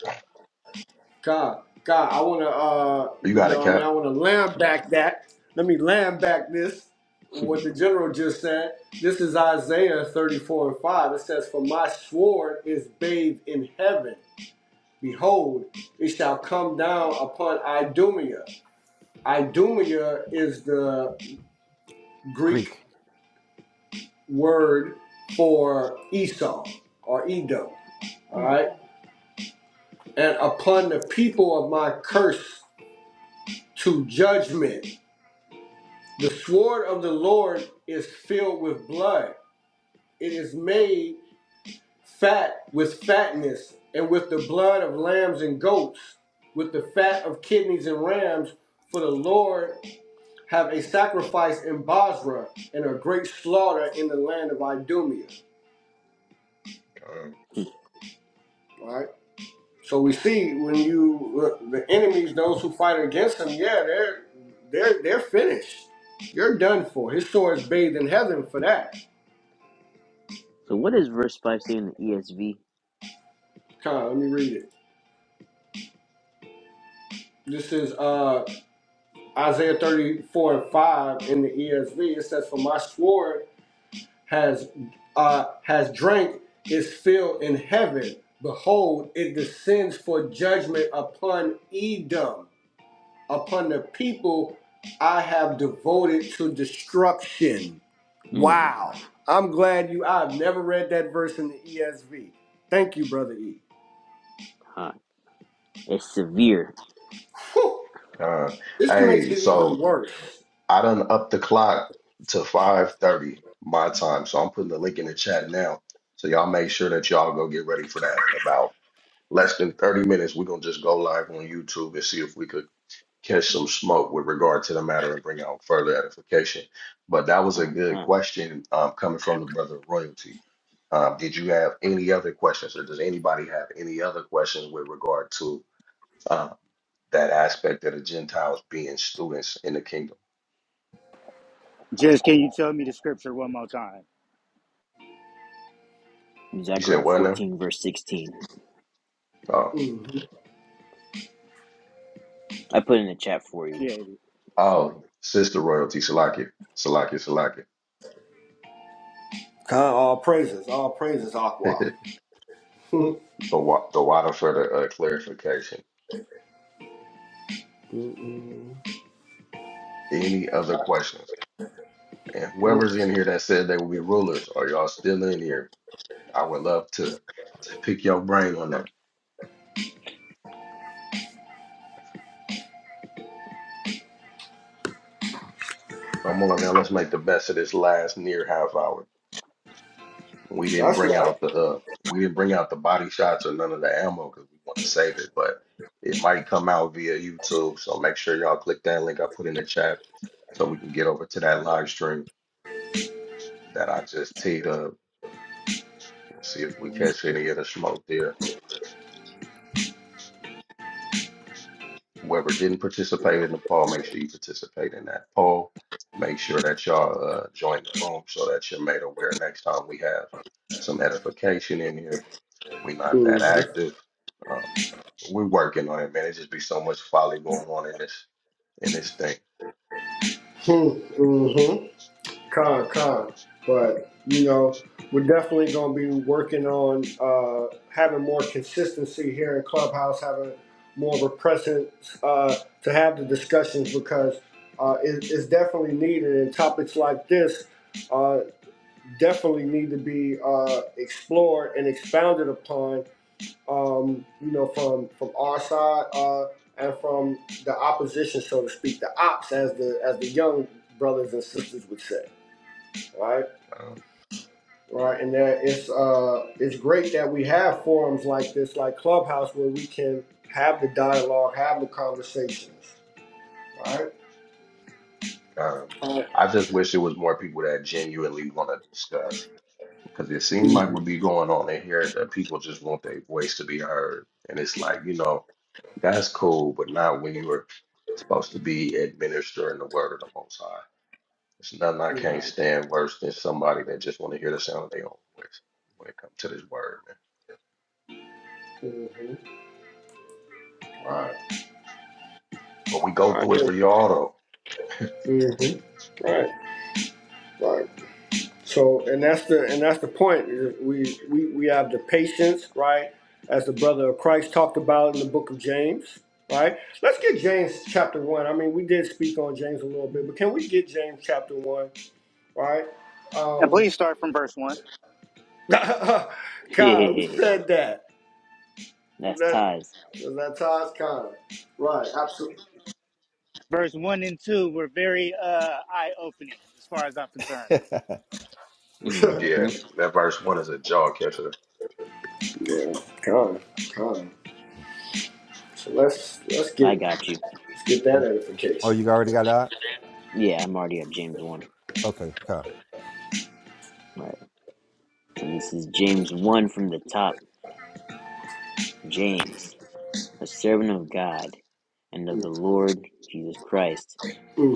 [SPEAKER 2] God, God, I wanna uh
[SPEAKER 1] You
[SPEAKER 2] you
[SPEAKER 1] got it,
[SPEAKER 2] know, what I mean I
[SPEAKER 1] Cap.
[SPEAKER 2] wanna lamb back that. Let me lamb back this what the general just said. This is Isaiah 34 and 5. It says, For my sword is bathed in heaven. Behold, it shall come down upon Idumea. Idumea is the Greek
[SPEAKER 4] Greek.
[SPEAKER 2] word for Esau or Edom. All
[SPEAKER 3] Mm,
[SPEAKER 2] right. And upon the people of my curse to judgment. The sword of the Lord is filled with blood. It is made fat with fatness, and with the blood of lambs and goats, with the fat of kidneys and rams. For the Lord have a sacrifice in Basra, and a great slaughter in the land of Idumea.
[SPEAKER 3] mm.
[SPEAKER 2] All right. So we see when you the enemies, those who fight against him, yeah, they're they're they're finished. You're done for. His sword is bathed in heaven for that.
[SPEAKER 3] so, what is verse 5 saying in the ESV?
[SPEAKER 2] Come, on, let me read it. This is uh, Isaiah 34 and 5 in the ESV. It says, For my sword has uh, has drank its fill in heaven. Behold, it descends for judgment upon Edom, upon the people I have devoted to destruction.
[SPEAKER 3] Mm,
[SPEAKER 2] Wow. I'm glad you I've never read that verse in the ESV. Thank you, brother E.
[SPEAKER 3] huh. It's severe.
[SPEAKER 2] Whew.
[SPEAKER 1] Uh,
[SPEAKER 2] This makes
[SPEAKER 1] hey,
[SPEAKER 2] it even
[SPEAKER 1] so
[SPEAKER 2] worse.
[SPEAKER 1] I done up the clock to 5:30 my time, so I'm putting the link in the chat now. So y'all make sure that y'all go get ready for that. In about less than 30 minutes, we're gonna just go live on YouTube and see if we could catch some smoke with regard to the matter and bring out further edification. But that was a
[SPEAKER 3] Con,
[SPEAKER 1] good
[SPEAKER 3] con.
[SPEAKER 1] question um, coming from the brother Royalty. Um, did you have any other questions, or does anybody have any other questions with regard to? um, that aspect of the Gentiles being students in the kingdom.
[SPEAKER 5] Just can you tell me the scripture one more time?
[SPEAKER 1] You
[SPEAKER 3] Zechariah
[SPEAKER 1] said what now?
[SPEAKER 3] 14, verse 16.
[SPEAKER 1] Oh,
[SPEAKER 2] Mhm.
[SPEAKER 3] I put in the chat for you.
[SPEAKER 5] Appreciate it.
[SPEAKER 1] oh, sister royalty, Salakia, Salakia, Salakia.
[SPEAKER 2] Khan, all praises, all praises, Aqua.
[SPEAKER 1] the wa- the water for the uh, clarification.
[SPEAKER 2] Mm-mm.
[SPEAKER 1] Any other questions? And whoever's
[SPEAKER 2] Mm,
[SPEAKER 1] in here that said they will be rulers, are y'all still in here? I would love to, to pick your brain on that. Come on now, let's make the best of this last near half hour. We didn't
[SPEAKER 2] That's
[SPEAKER 1] bring
[SPEAKER 2] right.
[SPEAKER 1] out the uh, we didn't bring out the body shots or none of the ammo because we want to save it, but it might come out via YouTube. So make sure y'all click that link I put in the chat so we can get over to that live stream that I just teed up. We'll see if we catch any of the smoke there. Whoever didn't participate in the poll, make sure you participate in that poll. Make sure that y'all uh, join the room so that you're made aware next time we have some edification in here. We're not that
[SPEAKER 2] Mm-hmm.
[SPEAKER 1] active. uh, We're working on it, man. It just be so much folly going on in this in this thing.
[SPEAKER 2] Mm-hmm. Con, con. But, you know, we're definitely going to be working on uh, having more consistency here in Clubhouse, having more of a presence uh, to have the discussions because uh, it, it's definitely needed. And topics like this uh, definitely need to be uh, explored and expounded upon um, you know, from from our side uh, and from the opposition, so to speak, the ops, as the as the young brothers and sisters would say, right?
[SPEAKER 1] Um,
[SPEAKER 2] Right, and that it's uh, it's great that we have forums like this, like Clubhouse, where we can have the dialogue, have the conversations, right?
[SPEAKER 1] um,
[SPEAKER 2] Uh,
[SPEAKER 1] I just wish there was more people that genuinely want to discuss because it seems like
[SPEAKER 2] mhm.
[SPEAKER 1] what be going on in here is that people just want their voice to be heard, and it's like you know that's cool, but not when you are supposed to be administering the word of the Most High. It's nothing I can't
[SPEAKER 3] Con.
[SPEAKER 1] stand worse than somebody that just want to hear the sound of their own voice when it comes to this word, man.
[SPEAKER 2] Mhm. Right.
[SPEAKER 1] But we go through
[SPEAKER 2] Right.
[SPEAKER 1] it for y'all though.
[SPEAKER 2] Mhm. Right. Right. So, and that's the and that's the point. is We we we have the patience, right? As the brother of Christ talked about in the book of James, right? Let's get James chapter one. I mean, we did speak on James a little bit, but can we get James chapter one, right?
[SPEAKER 5] And
[SPEAKER 2] Um,
[SPEAKER 5] please start from verse 1.
[SPEAKER 2] God, who said that? Was
[SPEAKER 3] That's
[SPEAKER 2] that
[SPEAKER 3] ties.
[SPEAKER 2] was that Todd's Khan? Right, absolutely.
[SPEAKER 5] Verse 1 and 2 were very uh, eye opening as far as I'm concerned.
[SPEAKER 3] hmm
[SPEAKER 1] Yeah, that verse one is a jaw catcher.
[SPEAKER 2] yeah, Khan, Khan. So let's let's
[SPEAKER 3] I
[SPEAKER 2] get
[SPEAKER 3] got you.
[SPEAKER 2] let's get that
[SPEAKER 4] oh,
[SPEAKER 2] edification.
[SPEAKER 4] you already got that?
[SPEAKER 3] Yeah, I'm already at James 1.
[SPEAKER 4] Okay, God,
[SPEAKER 3] All right. So this is James 1 from the top. James, a servant of God and of the Lord Jesus Christ,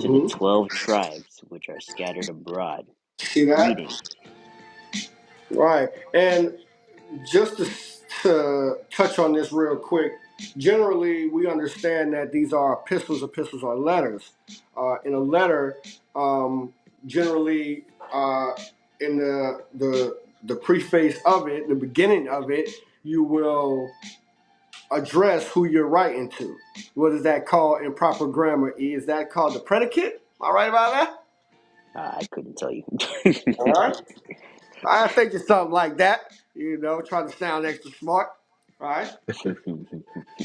[SPEAKER 3] to the 12 tribes which are scattered abroad.
[SPEAKER 2] See that?
[SPEAKER 3] Greeting.
[SPEAKER 2] Right. And just to, to touch on this real quick, generally we understand that these are epistles. Epistles are letters. Uh, in a letter, um, generally uh, in the, the the preface of it, the beginning of it, you will address who you're writing to. What is that called in proper grammar? E? Is that called the predicate? Am I right about that?
[SPEAKER 3] Ah, I couldn't tell you.
[SPEAKER 2] All right. I think it's something like that. You know, trying to sound extra smart. All right.
[SPEAKER 3] All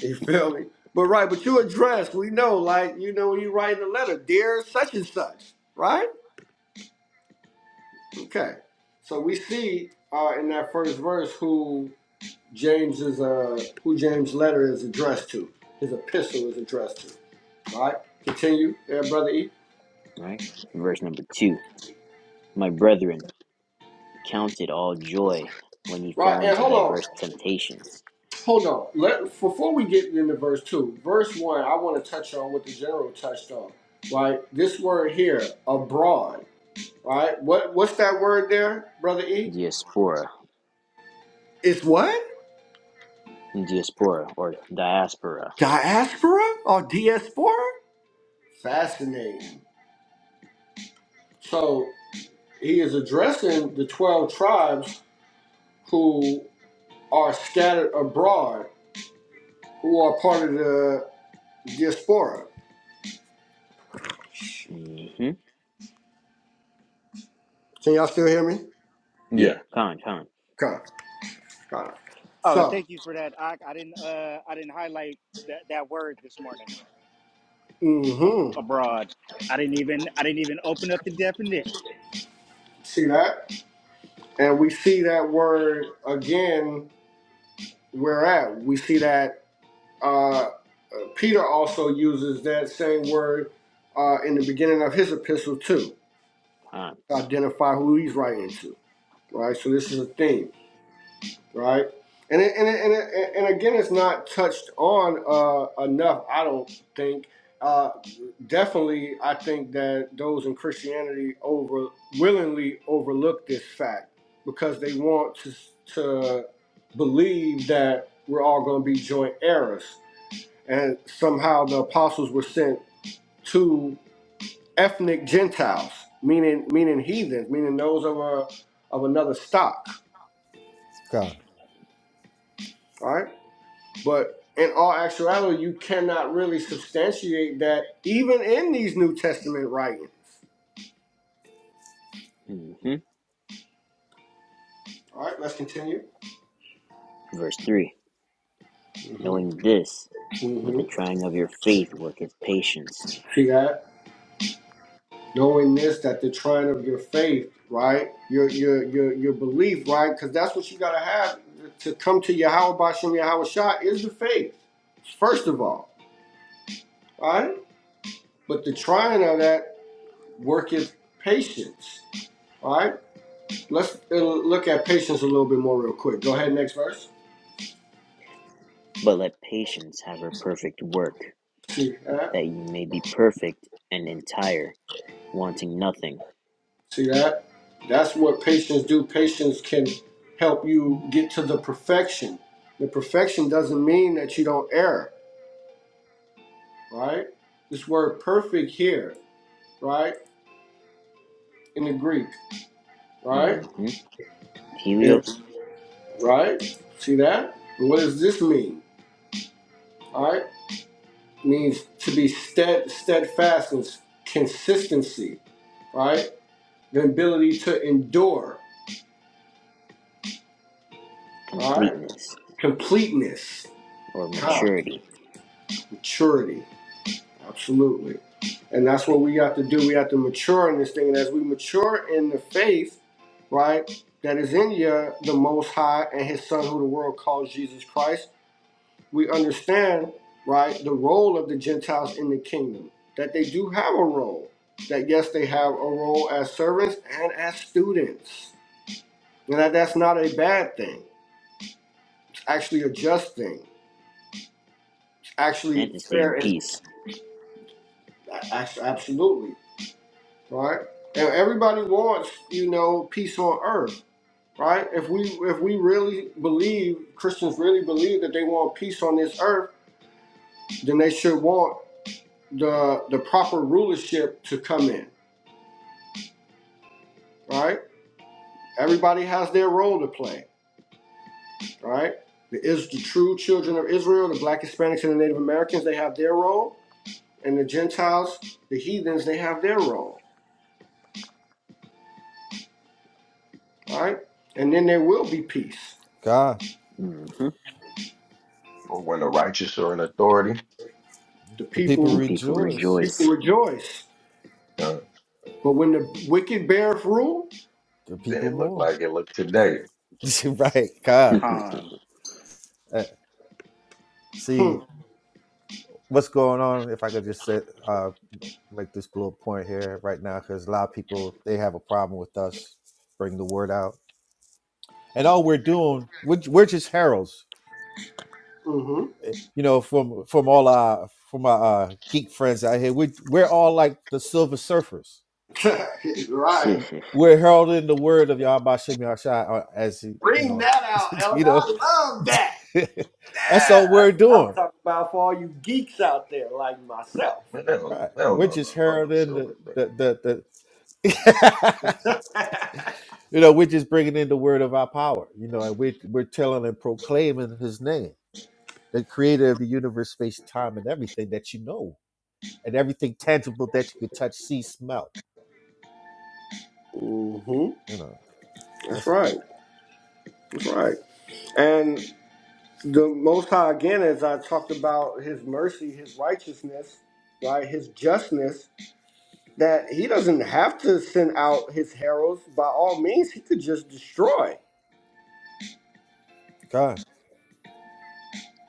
[SPEAKER 2] You feel me? But right, but you address, we know, like, you know, when you write in a letter, dear such and such, right? Okay. So we see uh, in that first verse who James is uh who James' letter is addressed to. His epistle is addressed to. All Right? Continue, yeah, brother E.
[SPEAKER 3] right. Verse number 2. My brethren, count it all joy when ye
[SPEAKER 2] Right,
[SPEAKER 3] fall
[SPEAKER 2] and
[SPEAKER 3] into
[SPEAKER 2] hold on.
[SPEAKER 3] diverse temptations.
[SPEAKER 2] Hold on. Let before we get into verse two, verse one, I want to touch on what the general touched on. Right? This word here, abroad. All Right? What what's that word there, brother E?
[SPEAKER 3] Diaspora.
[SPEAKER 2] It's what?
[SPEAKER 3] Diaspora or diaspora.
[SPEAKER 2] Diaspora or diaspora? Fascinating. So he is addressing the 12 tribes who are scattered abroad, who are part of the diaspora.
[SPEAKER 3] hmm
[SPEAKER 2] Can y'all still hear me?
[SPEAKER 3] Yeah,
[SPEAKER 1] Yeah,
[SPEAKER 3] con, con,
[SPEAKER 2] Okay, got it.
[SPEAKER 5] Oh, and
[SPEAKER 2] So,
[SPEAKER 5] thank you for that. I, I didn't uh, I didn't highlight that, that word this morning ab-
[SPEAKER 2] mm-hmm.
[SPEAKER 5] abroad. I didn't even I didn't even open up the definition.
[SPEAKER 2] See that? And we see that word again where at. We see that uh, Peter also uses that same word uh, in the beginning of his epistle too
[SPEAKER 3] con.
[SPEAKER 2] identify who he's writing to, right? So this is a theme, right? And it, and it, and, it, and again, it's not touched on uh, enough. I don't think. Uh, definitely, I think that those in Christianity over willingly overlook this fact because they want to to believe that we're all going to be joint heirs, and somehow the apostles were sent to ethnic Gentiles, meaning meaning heathens, meaning those of a of another stock.
[SPEAKER 4] God,
[SPEAKER 2] All right, but in all actuality, you cannot really substantiate that even in these New Testament writings.
[SPEAKER 3] hmm
[SPEAKER 2] All right, let's continue.
[SPEAKER 3] Verse 3.
[SPEAKER 2] hmm
[SPEAKER 3] Knowing this, that
[SPEAKER 2] hmm
[SPEAKER 3] the trying of your faith worketh patience.
[SPEAKER 2] See that? Knowing this, that the trying of your faith, right? Your your your your belief, right? Because that's what you gotta have to come to Yahweh Bashem Yahweh Shah is the faith, first of all. All right. But the trying of that. worketh patience. All right, let's uh, look at patience a little bit more real quick. Go ahead, next verse.
[SPEAKER 3] But let patience have her perfect work,
[SPEAKER 2] See that?
[SPEAKER 3] that you may be perfect and entire, wanting nothing.
[SPEAKER 2] See that? That's what patience do. Patience can help you get to the perfection. The perfection doesn't mean that you don't err, right? This word perfect here, right? In the Greek, right?
[SPEAKER 3] hmm
[SPEAKER 2] It,
[SPEAKER 3] Helios,
[SPEAKER 2] right? See that? And what does this mean? All right? It means to be stead, steadfast and consistency, right? the ability to endure, all right?
[SPEAKER 3] completeness
[SPEAKER 2] Completeness,
[SPEAKER 3] or
[SPEAKER 2] time,
[SPEAKER 3] maturity,
[SPEAKER 2] maturity, absolutely. And that's what we have to do. We have to mature in this thing. And as we mature in the faith, right, that is in you, the Most High and His Son, who the world calls Jesus Christ, we understand, right, the role of the Gentiles in the kingdom, that they do have a role. That yes, they have a role as servants and as students. And that that's not a bad thing. It's actually a just thing actually
[SPEAKER 3] and to stay in
[SPEAKER 2] fair and
[SPEAKER 3] peace.
[SPEAKER 2] act- absolutely right. And everybody wants, you know, peace on earth, right? If we if we really believe Christians really believe that they want peace on this earth, then they should want the the proper rulership to come in, right? Everybody has their role to play, right? The is the true children of Israel, the Black Hispanics and the Native Americans, they have their role, and the Gentiles, the heathens, they have their role, right? And then there will be peace
[SPEAKER 4] God.
[SPEAKER 3] hmm
[SPEAKER 1] or when the righteous are in authority,
[SPEAKER 2] The
[SPEAKER 4] The people
[SPEAKER 3] And
[SPEAKER 2] people
[SPEAKER 3] people
[SPEAKER 4] rejoice.
[SPEAKER 2] people
[SPEAKER 3] rejoice.
[SPEAKER 2] rejoice.
[SPEAKER 1] uh,
[SPEAKER 2] But when the wicked beareth rule,
[SPEAKER 4] The
[SPEAKER 1] then
[SPEAKER 4] people
[SPEAKER 1] it looked
[SPEAKER 4] more.
[SPEAKER 1] like it looked today.
[SPEAKER 4] right, God.
[SPEAKER 5] Con.
[SPEAKER 4] Uh,
[SPEAKER 2] hmm,
[SPEAKER 4] see what's going on. If I could just say, uh, make this little point here right now, because a lot of people they have a problem with us bring the word out and all we're doing we're, we're just heralds
[SPEAKER 2] mm-hmm.
[SPEAKER 4] eh, you know from from all our from our uh, geek friends out here we, are we're all like the silver surfers
[SPEAKER 2] right.
[SPEAKER 3] Judgment.
[SPEAKER 4] we're heralding the word of Yahweh Shem Yahshai uh, as you
[SPEAKER 2] Bring
[SPEAKER 4] know
[SPEAKER 2] that out,
[SPEAKER 4] you
[SPEAKER 2] Elder.
[SPEAKER 4] know
[SPEAKER 2] I love that.
[SPEAKER 4] that's
[SPEAKER 2] Yeah,
[SPEAKER 4] all we're
[SPEAKER 2] that's what I'm
[SPEAKER 4] doing
[SPEAKER 2] talking about for all you geeks out there like myself.
[SPEAKER 1] Man, they don't,
[SPEAKER 4] right
[SPEAKER 1] they don't
[SPEAKER 4] we're
[SPEAKER 1] know
[SPEAKER 4] just
[SPEAKER 1] nothing about no
[SPEAKER 4] heralding the
[SPEAKER 1] silver thing.
[SPEAKER 4] the the, the you know we're just bringing in the word of our power you know and we're, we're telling and proclaiming his name the creator of the universe space time and everything that you know and everything tangible that you could touch, see, smell.
[SPEAKER 2] hmm
[SPEAKER 4] You know,
[SPEAKER 2] That's
[SPEAKER 4] that's all.
[SPEAKER 2] right. That's right. And the Most High, again, as I talked about his mercy, his righteousness, right, his justness, that he doesn't have to send out his heralds. By all means, he could just destroy,
[SPEAKER 4] God,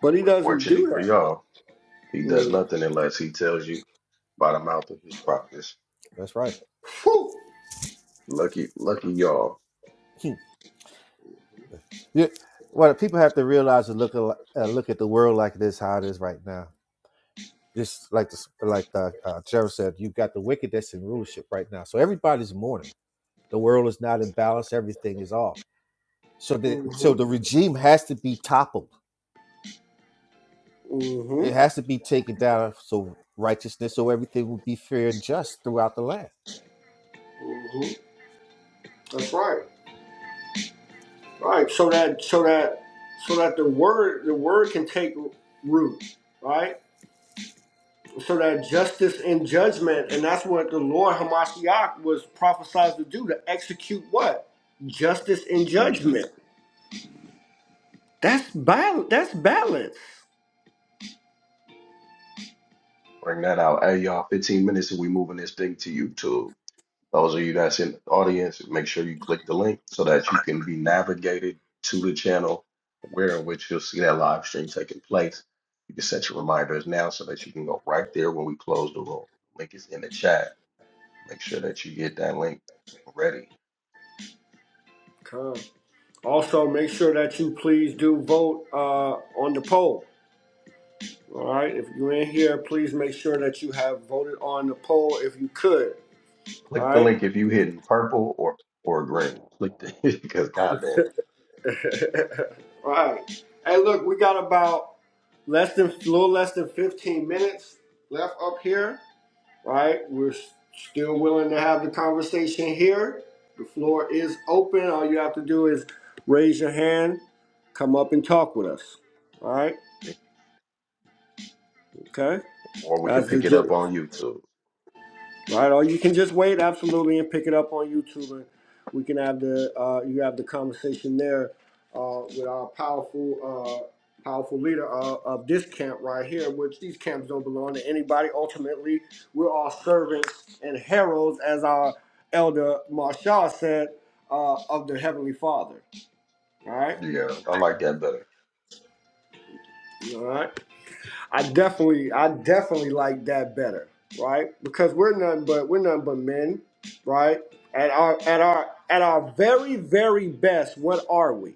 [SPEAKER 2] but he doesn't
[SPEAKER 1] Unfortunately
[SPEAKER 2] do
[SPEAKER 1] for
[SPEAKER 2] that.
[SPEAKER 1] y'all, he does
[SPEAKER 2] Mm.
[SPEAKER 1] nothing unless he tells you by the mouth of his prophets.
[SPEAKER 4] that's right.
[SPEAKER 2] Whew.
[SPEAKER 1] Lucky, lucky y'all.
[SPEAKER 4] yeah. Well, people have to realize and look at uh, look at the world like this, how it is right now. Just like the like the uh, Gerald said, you've got the wicked that's in rulership right now. So everybody's mourning. The world is not in balance. Everything is off. So the so
[SPEAKER 2] Mhm.
[SPEAKER 4] the regime has to be toppled. It
[SPEAKER 2] Mhm.
[SPEAKER 4] has to be taken down. So righteousness, so everything will be fair and just throughout the land.
[SPEAKER 2] Mhm. That's right. Right. So that so that so that the word the word can take root. Right. So that justice and judgment, and that's what the Lord Hamashiach was prophesied to do to execute what justice and judgment. That's bal- That's balance.
[SPEAKER 1] Bring that out. Hey, y'all, 15 minutes and we moving this thing to YouTube. Those of you that's in the audience, make sure you click the link so that you can be navigated to the channel where in which you'll see that live stream taking place. You can set your reminders now so that you can go right there when we close the room. Link is in the chat. Make sure that you get that link ready.
[SPEAKER 2] Come. Also, make sure that you please do vote uh, on the poll. All right. If you're in here, please make sure that you have voted on the poll if you could. All
[SPEAKER 1] Click the
[SPEAKER 2] right.
[SPEAKER 1] link if you hitting purple or or green. Click the because goddamn.
[SPEAKER 2] all right. Hey, look, we got about less than a little less than 15 minutes left up here. All right. We're still willing to have the conversation here. The floor is open. All you have to do is raise your hand, come up and talk with us. All right. Okay.
[SPEAKER 1] Or we could
[SPEAKER 2] That's
[SPEAKER 1] pick it
[SPEAKER 2] legit.
[SPEAKER 1] up on YouTube.
[SPEAKER 2] Right, or you can just wait absolutely and pick it up on YouTube, and we can have the uh, you have the conversation there uh, with our powerful uh, powerful leader uh, of this camp right here. Which these camps don't belong to anybody. Ultimately, we're all servants and heralds, as our elder Marshall said, uh, of the Heavenly Father. All right,
[SPEAKER 1] Yeah, I like that better.
[SPEAKER 2] all right. I definitely, I definitely like that better, right? Because we're nothing but we're nothing but men, right? At our at our at our very very best, what are we?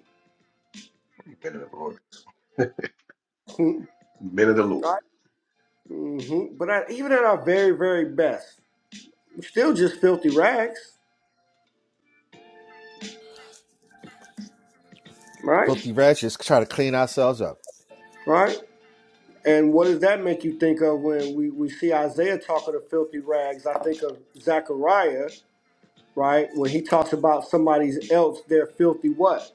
[SPEAKER 1] Minute of the Lord.
[SPEAKER 2] Hmm,
[SPEAKER 1] Minute of the
[SPEAKER 2] right?
[SPEAKER 1] Lord.
[SPEAKER 2] hmm But at, even at our very very best, we're still just filthy rags, right?
[SPEAKER 4] Filthy wretches try to clean ourselves up.
[SPEAKER 2] Right? And what does that make you think of when we, we see Isaiah talking of filthy rags? I think of Zechariah, right? When he talks about somebody's else, their filthy what?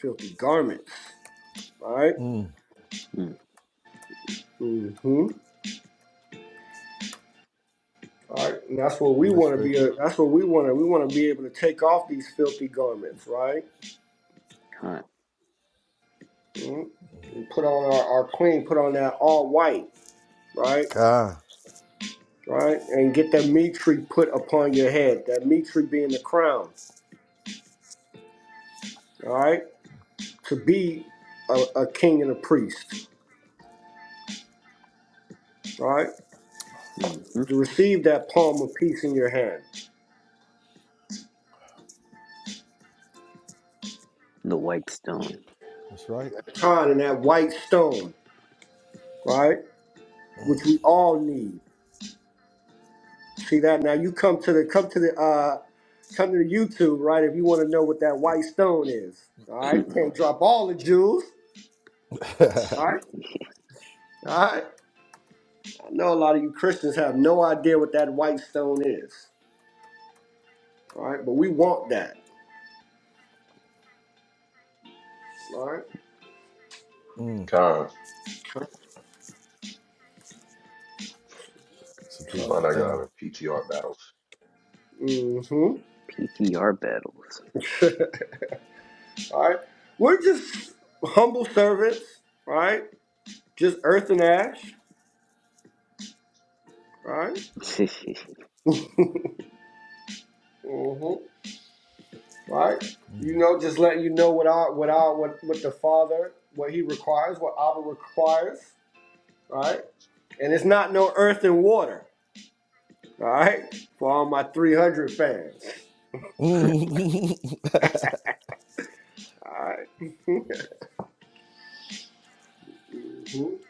[SPEAKER 2] Filthy garments, right?
[SPEAKER 4] Hmm.
[SPEAKER 3] Mm,
[SPEAKER 2] Mm-hmm. All right, and that's what we
[SPEAKER 4] It's
[SPEAKER 2] want to be.
[SPEAKER 4] 33.
[SPEAKER 2] A, that's what we want to. We want to be able to take off these filthy garments, right?
[SPEAKER 3] huh.
[SPEAKER 2] Mhm. And put on our, our clean. Put on that all white, right?
[SPEAKER 4] God,
[SPEAKER 2] Right, and get that meat tree put upon your head. That meat tree being the crown. All right, to be a, a king and a priest. All right,
[SPEAKER 3] hmm
[SPEAKER 2] to receive that palm of peace in your hand,
[SPEAKER 3] The white stone.
[SPEAKER 4] that's right.
[SPEAKER 2] time and that white stone. Right, which
[SPEAKER 4] Mm.
[SPEAKER 2] we all need. See that now you come to the come to the uh come to the YouTube, right? If you want to know what that white stone is. All right. You can't drop all the jewels. All right. All right. I know a lot of you Christians have no idea what that white stone is. All right, but we want that. All right.
[SPEAKER 4] Mm.
[SPEAKER 1] Con,
[SPEAKER 4] It's a
[SPEAKER 1] let me
[SPEAKER 2] So
[SPEAKER 4] beautiful
[SPEAKER 1] find out y'all
[SPEAKER 4] thing.
[SPEAKER 1] having PTR battles.
[SPEAKER 2] mm-hmm.
[SPEAKER 3] PTR battles.
[SPEAKER 2] all right. We're just humble servants, all right? Just earth and ash. All right? Mhm. right? You
[SPEAKER 4] Mm.
[SPEAKER 2] know, just letting you know what our what our what what the Father what He requires, what Abba requires, right? And it's not no earth and water, all right? For all my three hundred fans,
[SPEAKER 4] Mm.
[SPEAKER 2] all right?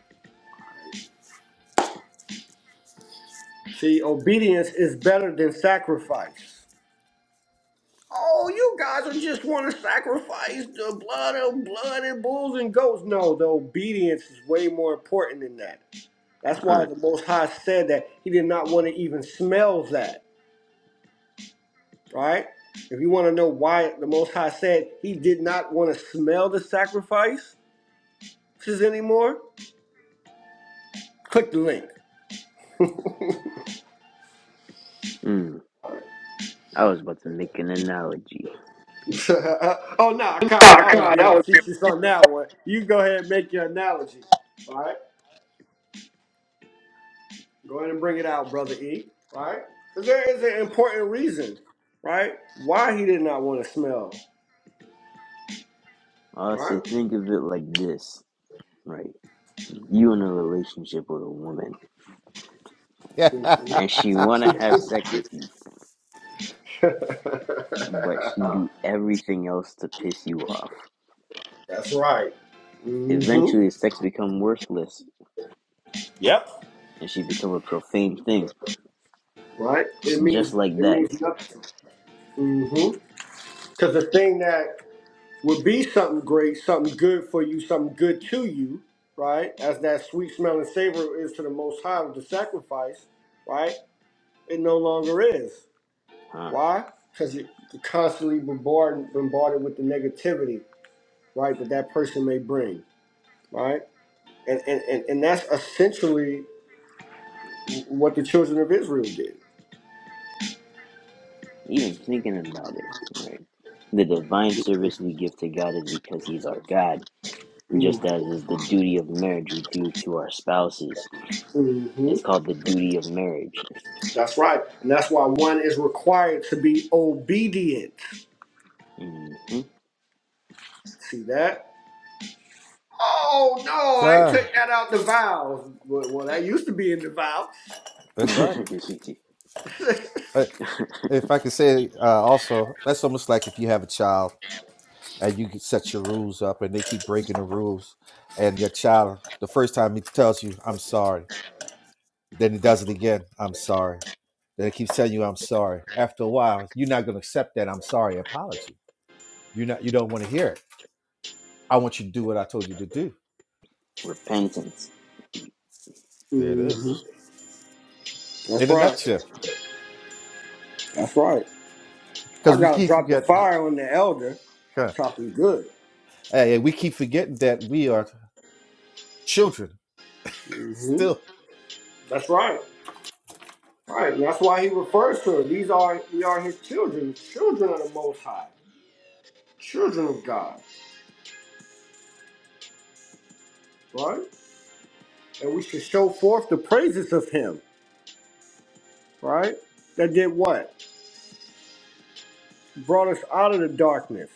[SPEAKER 2] See, obedience is better than sacrifice. Oh, you guys are just want to sacrifice the blood of blood and bulls and goats. No, the obedience is way more important than that. That's
[SPEAKER 3] huh.
[SPEAKER 2] why the Most High said that He did not want to even smell that. All right? If you want to know why the Most High said he did not want to smell the sacrifices anymore, click the link.
[SPEAKER 3] Mm. I was about to make an analogy.
[SPEAKER 2] oh, nah, Khan,
[SPEAKER 3] Oh,
[SPEAKER 2] I was
[SPEAKER 3] God,
[SPEAKER 2] being
[SPEAKER 3] that was
[SPEAKER 2] facetious on that one. You go ahead and make your analogy, All right? Go ahead and bring it out, Brother E, All right? Because there is an important reason, right? Why he did not want to smell,
[SPEAKER 3] I
[SPEAKER 2] right?
[SPEAKER 3] say, think of it like this, right? You in a relationship with a woman, and she wanna have sex with you, but she do everything else to piss you off.
[SPEAKER 2] That's right. hmm
[SPEAKER 3] Eventually, sex become worthless,
[SPEAKER 2] Yep.
[SPEAKER 3] and she become a profane thing.
[SPEAKER 2] Right?
[SPEAKER 3] It's
[SPEAKER 2] It means,
[SPEAKER 3] just like
[SPEAKER 2] it
[SPEAKER 3] that,
[SPEAKER 2] means nothing. Mm-hmm. Because the thing that would be something great, something good for you, something good to you, right? As that sweet smelling savor is to the Most High with the sacrifice, right? It no longer is.
[SPEAKER 3] huh?
[SPEAKER 2] Why? Because you're constantly bombarded, bombarded with the negativity, right? That that person may bring, right? And and and, and that's essentially what the children of Israel did.
[SPEAKER 3] Even thinking about it, right? The divine service we give to God is because He's our God, just as is the duty of marriage we do to our spouses
[SPEAKER 2] Mm-hmm.
[SPEAKER 3] It's called the duty of marriage.
[SPEAKER 2] That's right, and that's why one is required to be obedient
[SPEAKER 3] hmm
[SPEAKER 2] See that? Oh no, they
[SPEAKER 4] God,
[SPEAKER 2] took that out the vows. Well, well, that used to be in the vows.
[SPEAKER 4] that's right. Uh, If I could say uh, also, that's almost like if you have a child and you can set your rules up and they keep breaking the rules, and your child, the first time he tells you, I'm sorry, then he does it again, I'm sorry. Then he keeps telling you, I'm sorry. After a while, you're not going to accept that I'm sorry apology. You're not, you don't want to hear it I want you to do what I told you to do.
[SPEAKER 3] Repentance.
[SPEAKER 4] There it is.
[SPEAKER 2] hmm That's
[SPEAKER 4] In a
[SPEAKER 2] right.
[SPEAKER 4] nutshell.
[SPEAKER 2] That's right.
[SPEAKER 4] Because
[SPEAKER 2] I
[SPEAKER 4] we
[SPEAKER 2] gotta
[SPEAKER 4] keep
[SPEAKER 2] drop the
[SPEAKER 4] forgetting,
[SPEAKER 2] fire on the elder.
[SPEAKER 4] God,
[SPEAKER 2] Chop him good.
[SPEAKER 4] hey, hey, we keep forgetting that we are children
[SPEAKER 2] hmm
[SPEAKER 4] still.
[SPEAKER 2] That's right. Right. And that's why he refers to it. These are we are his children, children of the Most High, children of God. Right. And we should show forth the praises of Him. Right. That did what? Brought us out of the darkness,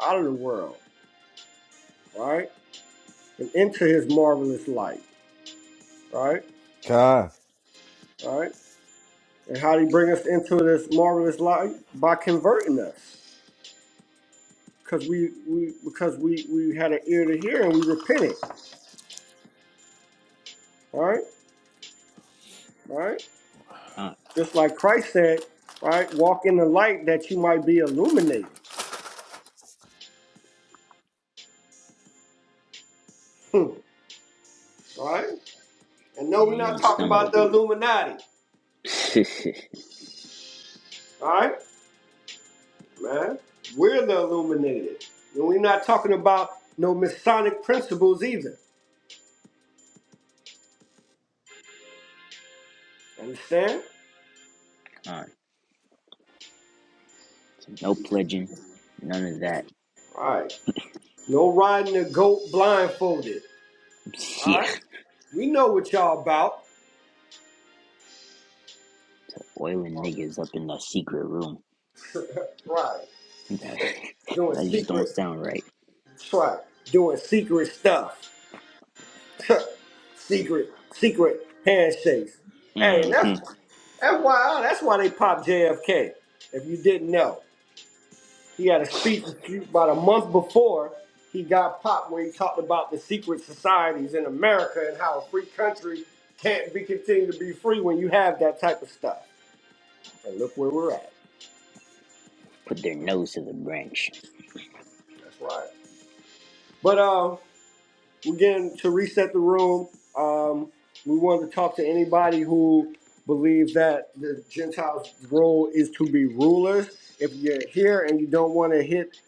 [SPEAKER 2] out of the world. Right and into his marvelous light. Right?
[SPEAKER 4] God,
[SPEAKER 2] Right? And how did he bring us into this marvelous light? By converting us. Because we, we because we, we had an ear to hear and we repented. All Right? All Right?
[SPEAKER 3] Huh.
[SPEAKER 2] Just like Christ said, right, walk in the light that you might be illuminated. Hmm. Right? And
[SPEAKER 3] So
[SPEAKER 2] no, we're
[SPEAKER 3] you
[SPEAKER 2] not
[SPEAKER 3] don't
[SPEAKER 2] talking about
[SPEAKER 3] stumble.
[SPEAKER 2] the Illuminati.
[SPEAKER 3] huh.
[SPEAKER 2] Alright? Man. We're the illuminated. And we're not talking about no Masonic principles either. Understand?
[SPEAKER 3] No pledging. None of that.
[SPEAKER 2] All Right. No riding a goat blindfolded. All
[SPEAKER 3] Yeah.
[SPEAKER 2] right? We know what y'all about.
[SPEAKER 3] So oiling niggas up in that secret room.
[SPEAKER 2] Right.
[SPEAKER 3] That,
[SPEAKER 2] Doing
[SPEAKER 3] just don't
[SPEAKER 2] secret,
[SPEAKER 3] sound right.
[SPEAKER 2] right. doing secret stuff. secret, secret handshakes. Hey, and
[SPEAKER 3] hmm
[SPEAKER 2] that's that's why that's why they popped JFK. If you didn't know, he had a speech about a month before he got popped, where he talked about the secret societies in America and how a free country can't be continued to be free when you have that type of stuff. And look where we're at.
[SPEAKER 3] Put their nose to the branch.
[SPEAKER 2] That's right. But um, again, to reset the room, um, we wanted to talk to anybody who believes that the Gentiles' role is to be rulers. If you're here and you don't want to hit,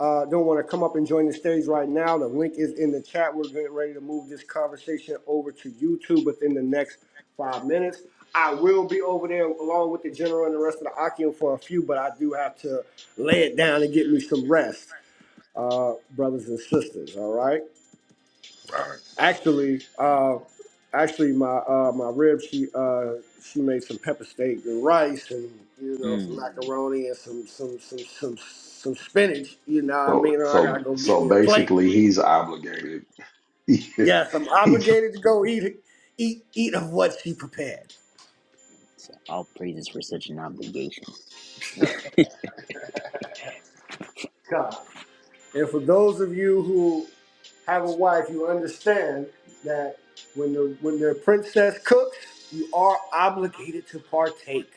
[SPEAKER 2] uh, don't want to come up and join the stage right now, the link is in the chat. We're getting ready to move this conversation over to YouTube within the next five minutes. I will be over there along with the general and the rest of the Akim for a few, but I do have to lay it down and get me some rest uh, brothers and sisters. All right.
[SPEAKER 1] Right.
[SPEAKER 2] Actually,
[SPEAKER 3] Huh.
[SPEAKER 2] uh, actually, my uh, my rib she uh, she made some pepper steak and rice and you know some
[SPEAKER 3] Mm.
[SPEAKER 2] macaroni and some some some some some spinach. You know what I
[SPEAKER 1] So
[SPEAKER 2] mean? I
[SPEAKER 1] so
[SPEAKER 2] gotta go get
[SPEAKER 1] so
[SPEAKER 2] me a plate.
[SPEAKER 1] basically, he's obligated. he,
[SPEAKER 2] Yes, I'm
[SPEAKER 1] he,
[SPEAKER 2] obligated to go eat it- eat eat of what she prepared.
[SPEAKER 3] So all praises for such an obligation.
[SPEAKER 2] God. And for those of you who have a wife, you understand that when the when the princess cooks, you are obligated to partake.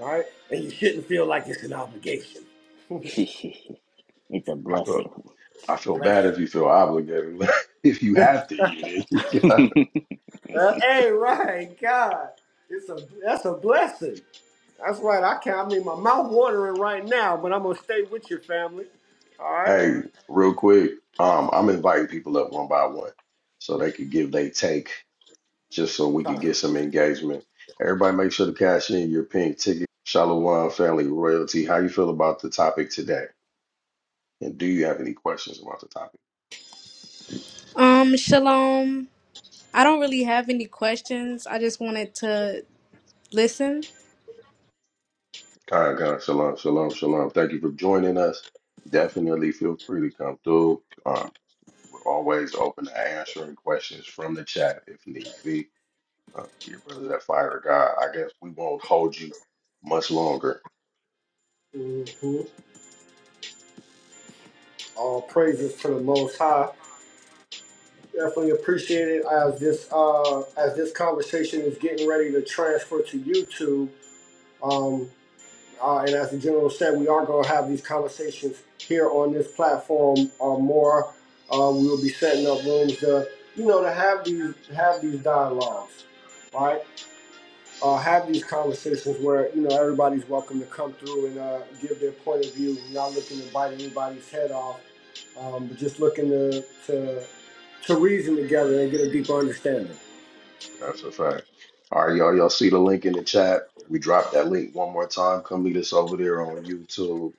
[SPEAKER 2] All right? And you shouldn't feel like it's an obligation.
[SPEAKER 3] it's a
[SPEAKER 1] I feel
[SPEAKER 3] blessing.
[SPEAKER 1] I feel bad
[SPEAKER 2] Blessing.
[SPEAKER 1] if you feel obligated. if you have to eat it, you got-
[SPEAKER 2] Uh, hey, right, God. It's a that's a blessing. That's right. I can not I mean my mouth watering right now, but I'm gonna stay with your family. All right?
[SPEAKER 1] hey, real quick, um, I'm inviting people up one by one so they could give they take, just so we could
[SPEAKER 2] Time.
[SPEAKER 1] get some engagement. Everybody, make sure to cash in your pink ticket. Shalom, family royalty. How you feel about the topic today? And do you have any questions about the topic?
[SPEAKER 6] Um, Shalom. I don't really have any questions. I just wanted to listen.
[SPEAKER 1] Kai God, shalom, shalom, shalom. Thank you for joining us. Definitely feel free to come through. Um, we're always open to answering questions from the chat if need be. Uh, we are brothers that fire of God. I guess we won't hold you much longer.
[SPEAKER 2] Mm-hmm. All praises to the most high. Definitely appreciate it as this uh as this conversation is getting ready to transfer to YouTube. Um. Uh, and as the general said, we are going to have these conversations here on this platform or uh, more. Uh, we will be setting up rooms to, you know, to have these have these dialogues, right? Uh, have these conversations where you know everybody's welcome to come through and uh, give their point of view. We're not looking to bite anybody's head off, um, but just looking to to to reason together and get a deeper understanding.
[SPEAKER 1] That's a fact. All right, y'all. Y'all see the link in the chat. We dropped that link one more time. Come meet us over there on YouTube.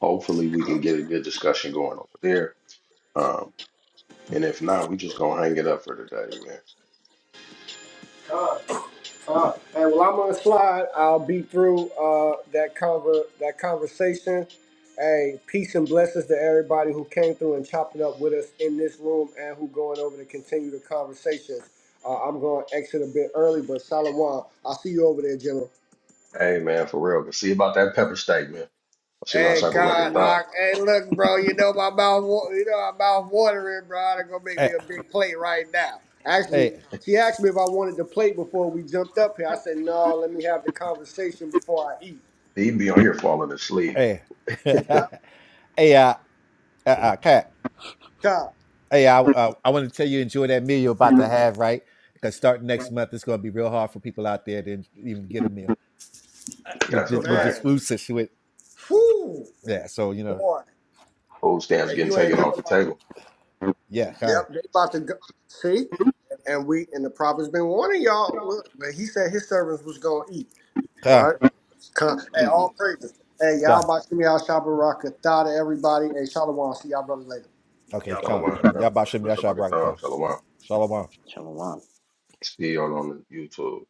[SPEAKER 1] Hopefully, we can get a good discussion going over there. Um, and if not, we just gonna hang it up for today, man.
[SPEAKER 2] Uh, Uh, and while I'm on the slide, I'll be through uh, that conver- that conversation. Hey, peace and blessings to everybody who came through and chopped it up with us in this room and who going over to continue the conversations. Uh, I'm going to exit a bit early, but Salawam, I'll see you over there, General.
[SPEAKER 1] Hey man, for real. See about that pepper steak, man. See my
[SPEAKER 2] Hey,
[SPEAKER 1] cyber
[SPEAKER 2] God,
[SPEAKER 1] record
[SPEAKER 3] yeah.
[SPEAKER 1] thought
[SPEAKER 2] I, hey, look, bro, you know my mouth, wa- you know my mouth watering, bro. They're gonna make me
[SPEAKER 4] hey,
[SPEAKER 2] a big plate right now. Actually,
[SPEAKER 4] hey,
[SPEAKER 2] she asked me if I wanted the plate before we jumped up here. I said no. Let me have the conversation before I eat.
[SPEAKER 1] he'd be on here falling asleep.
[SPEAKER 4] hey,
[SPEAKER 2] Yep.
[SPEAKER 4] hey, uh, uh, uh, Kat,
[SPEAKER 2] God,
[SPEAKER 4] hey, I, uh, I want to tell you enjoy that meal you're about to have, right? Because starting next month, it's going to be real hard for people out there to en- even get a meal with
[SPEAKER 1] That's a
[SPEAKER 4] this with this
[SPEAKER 1] fact.
[SPEAKER 2] man.
[SPEAKER 4] food situation.
[SPEAKER 2] Whoo,
[SPEAKER 4] Yeah, so you know,
[SPEAKER 2] boy.
[SPEAKER 1] Food stamps
[SPEAKER 2] And
[SPEAKER 1] getting
[SPEAKER 2] you ain't
[SPEAKER 1] taken
[SPEAKER 2] never
[SPEAKER 1] off the
[SPEAKER 2] lied.
[SPEAKER 1] table.
[SPEAKER 4] yeah, God,
[SPEAKER 2] Yep, they about to go. See? And we, and the prophet's been warning y'all. Look, man, he said his servants was going to eat,
[SPEAKER 4] God,
[SPEAKER 2] right? Con- Hey, all praises. Hey,
[SPEAKER 4] God.
[SPEAKER 2] y'all, Bashim, y'all, Shabbaraka, Thada, everybody. Hey, Shalom. See y'all brothers later.
[SPEAKER 5] Y'all
[SPEAKER 4] Okay, come.
[SPEAKER 1] Shalom, family.
[SPEAKER 4] Yabashim
[SPEAKER 1] Bashim Shabbat
[SPEAKER 4] Yashabrakta.
[SPEAKER 1] Shalom.
[SPEAKER 4] Shalom.
[SPEAKER 3] Shalom.
[SPEAKER 1] See y'all on YouTube.